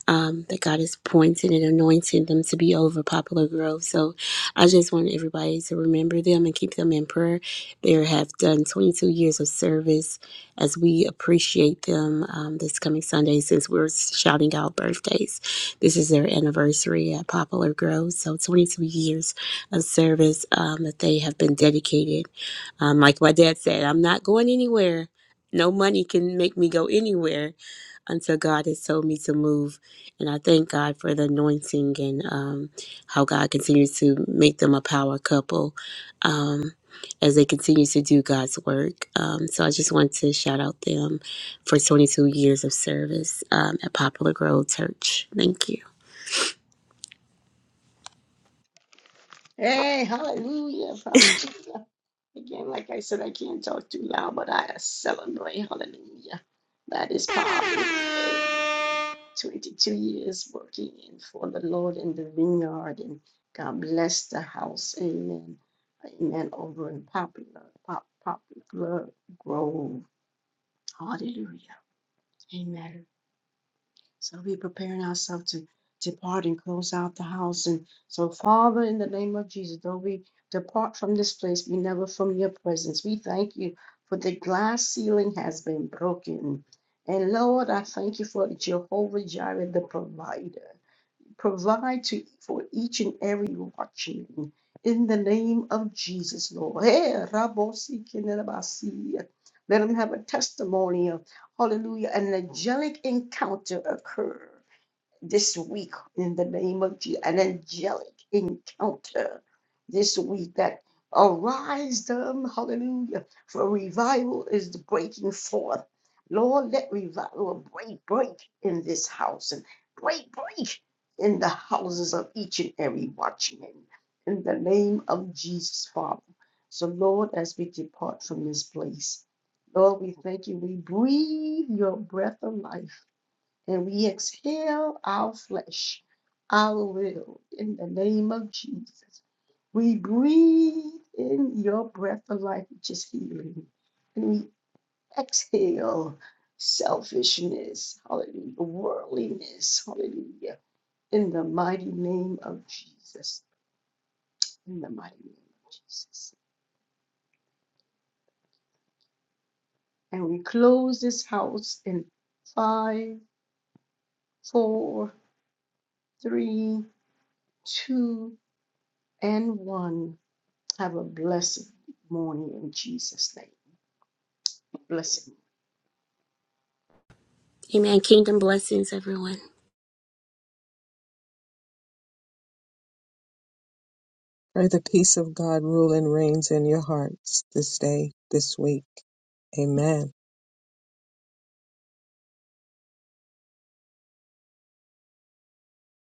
um, that God has appointed and anointed them to be over Poplar Grove. So I just want everybody to remember them and keep them in prayer. They have done 22 years of service as we appreciate them um, this coming Sunday since we're shouting out birthdays. This is their anniversary at Poplar Grove. So 22 years of service um, that they have been dedicated. Um, like my dad said, I'm not going anywhere. No money can make me go anywhere until God has told me to move. And I thank God for the anointing and um, how God continues to make them a power couple um, as they continue to do God's work. Um, so I just want to shout out them for 22 years of service um, at Poplar Grove Church. Thank you. Hey, hallelujah, hallelujah. Again, like I said, I can't talk too loud, but I celebrate, hallelujah. That is powerful. 22 years working in for the Lord in the vineyard, and God bless the house. Amen. Amen. Over in Popular, pop, Popular Grove. Hallelujah. Amen. So we're preparing ourselves to depart and close out the house. And so, Father, in the name of Jesus, though we depart from this place, we never from your presence. We thank you for the glass ceiling has been broken. And Lord, I thank you for Jehovah Jireh, the provider provide to for each and every watchman in the name of Jesus, Lord. Eh, rabosi kenerabasi. Let them have a testimony of hallelujah, an angelic encounter occur this week in the name of Jesus, an angelic encounter this week that arise them, hallelujah, for revival is breaking forth. Lord, let revival break, break in this house and break, break in the houses of each and every watchman in the name of Jesus, Father. So, Lord, as we depart from this place, Lord, we thank you. We breathe your breath of life and we exhale our flesh, our will, in the name of Jesus. We breathe in your breath of life, which is healing. And we exhale selfishness, hallelujah, worldliness, hallelujah, in the mighty name of Jesus. In the mighty name of Jesus. And we close this house in five, four, three, two, and one. Have a blessed morning in Jesus' name. Blessed. Amen. Kingdom blessings, everyone. May the peace of God rule and reigns in your hearts this day, this week. Amen.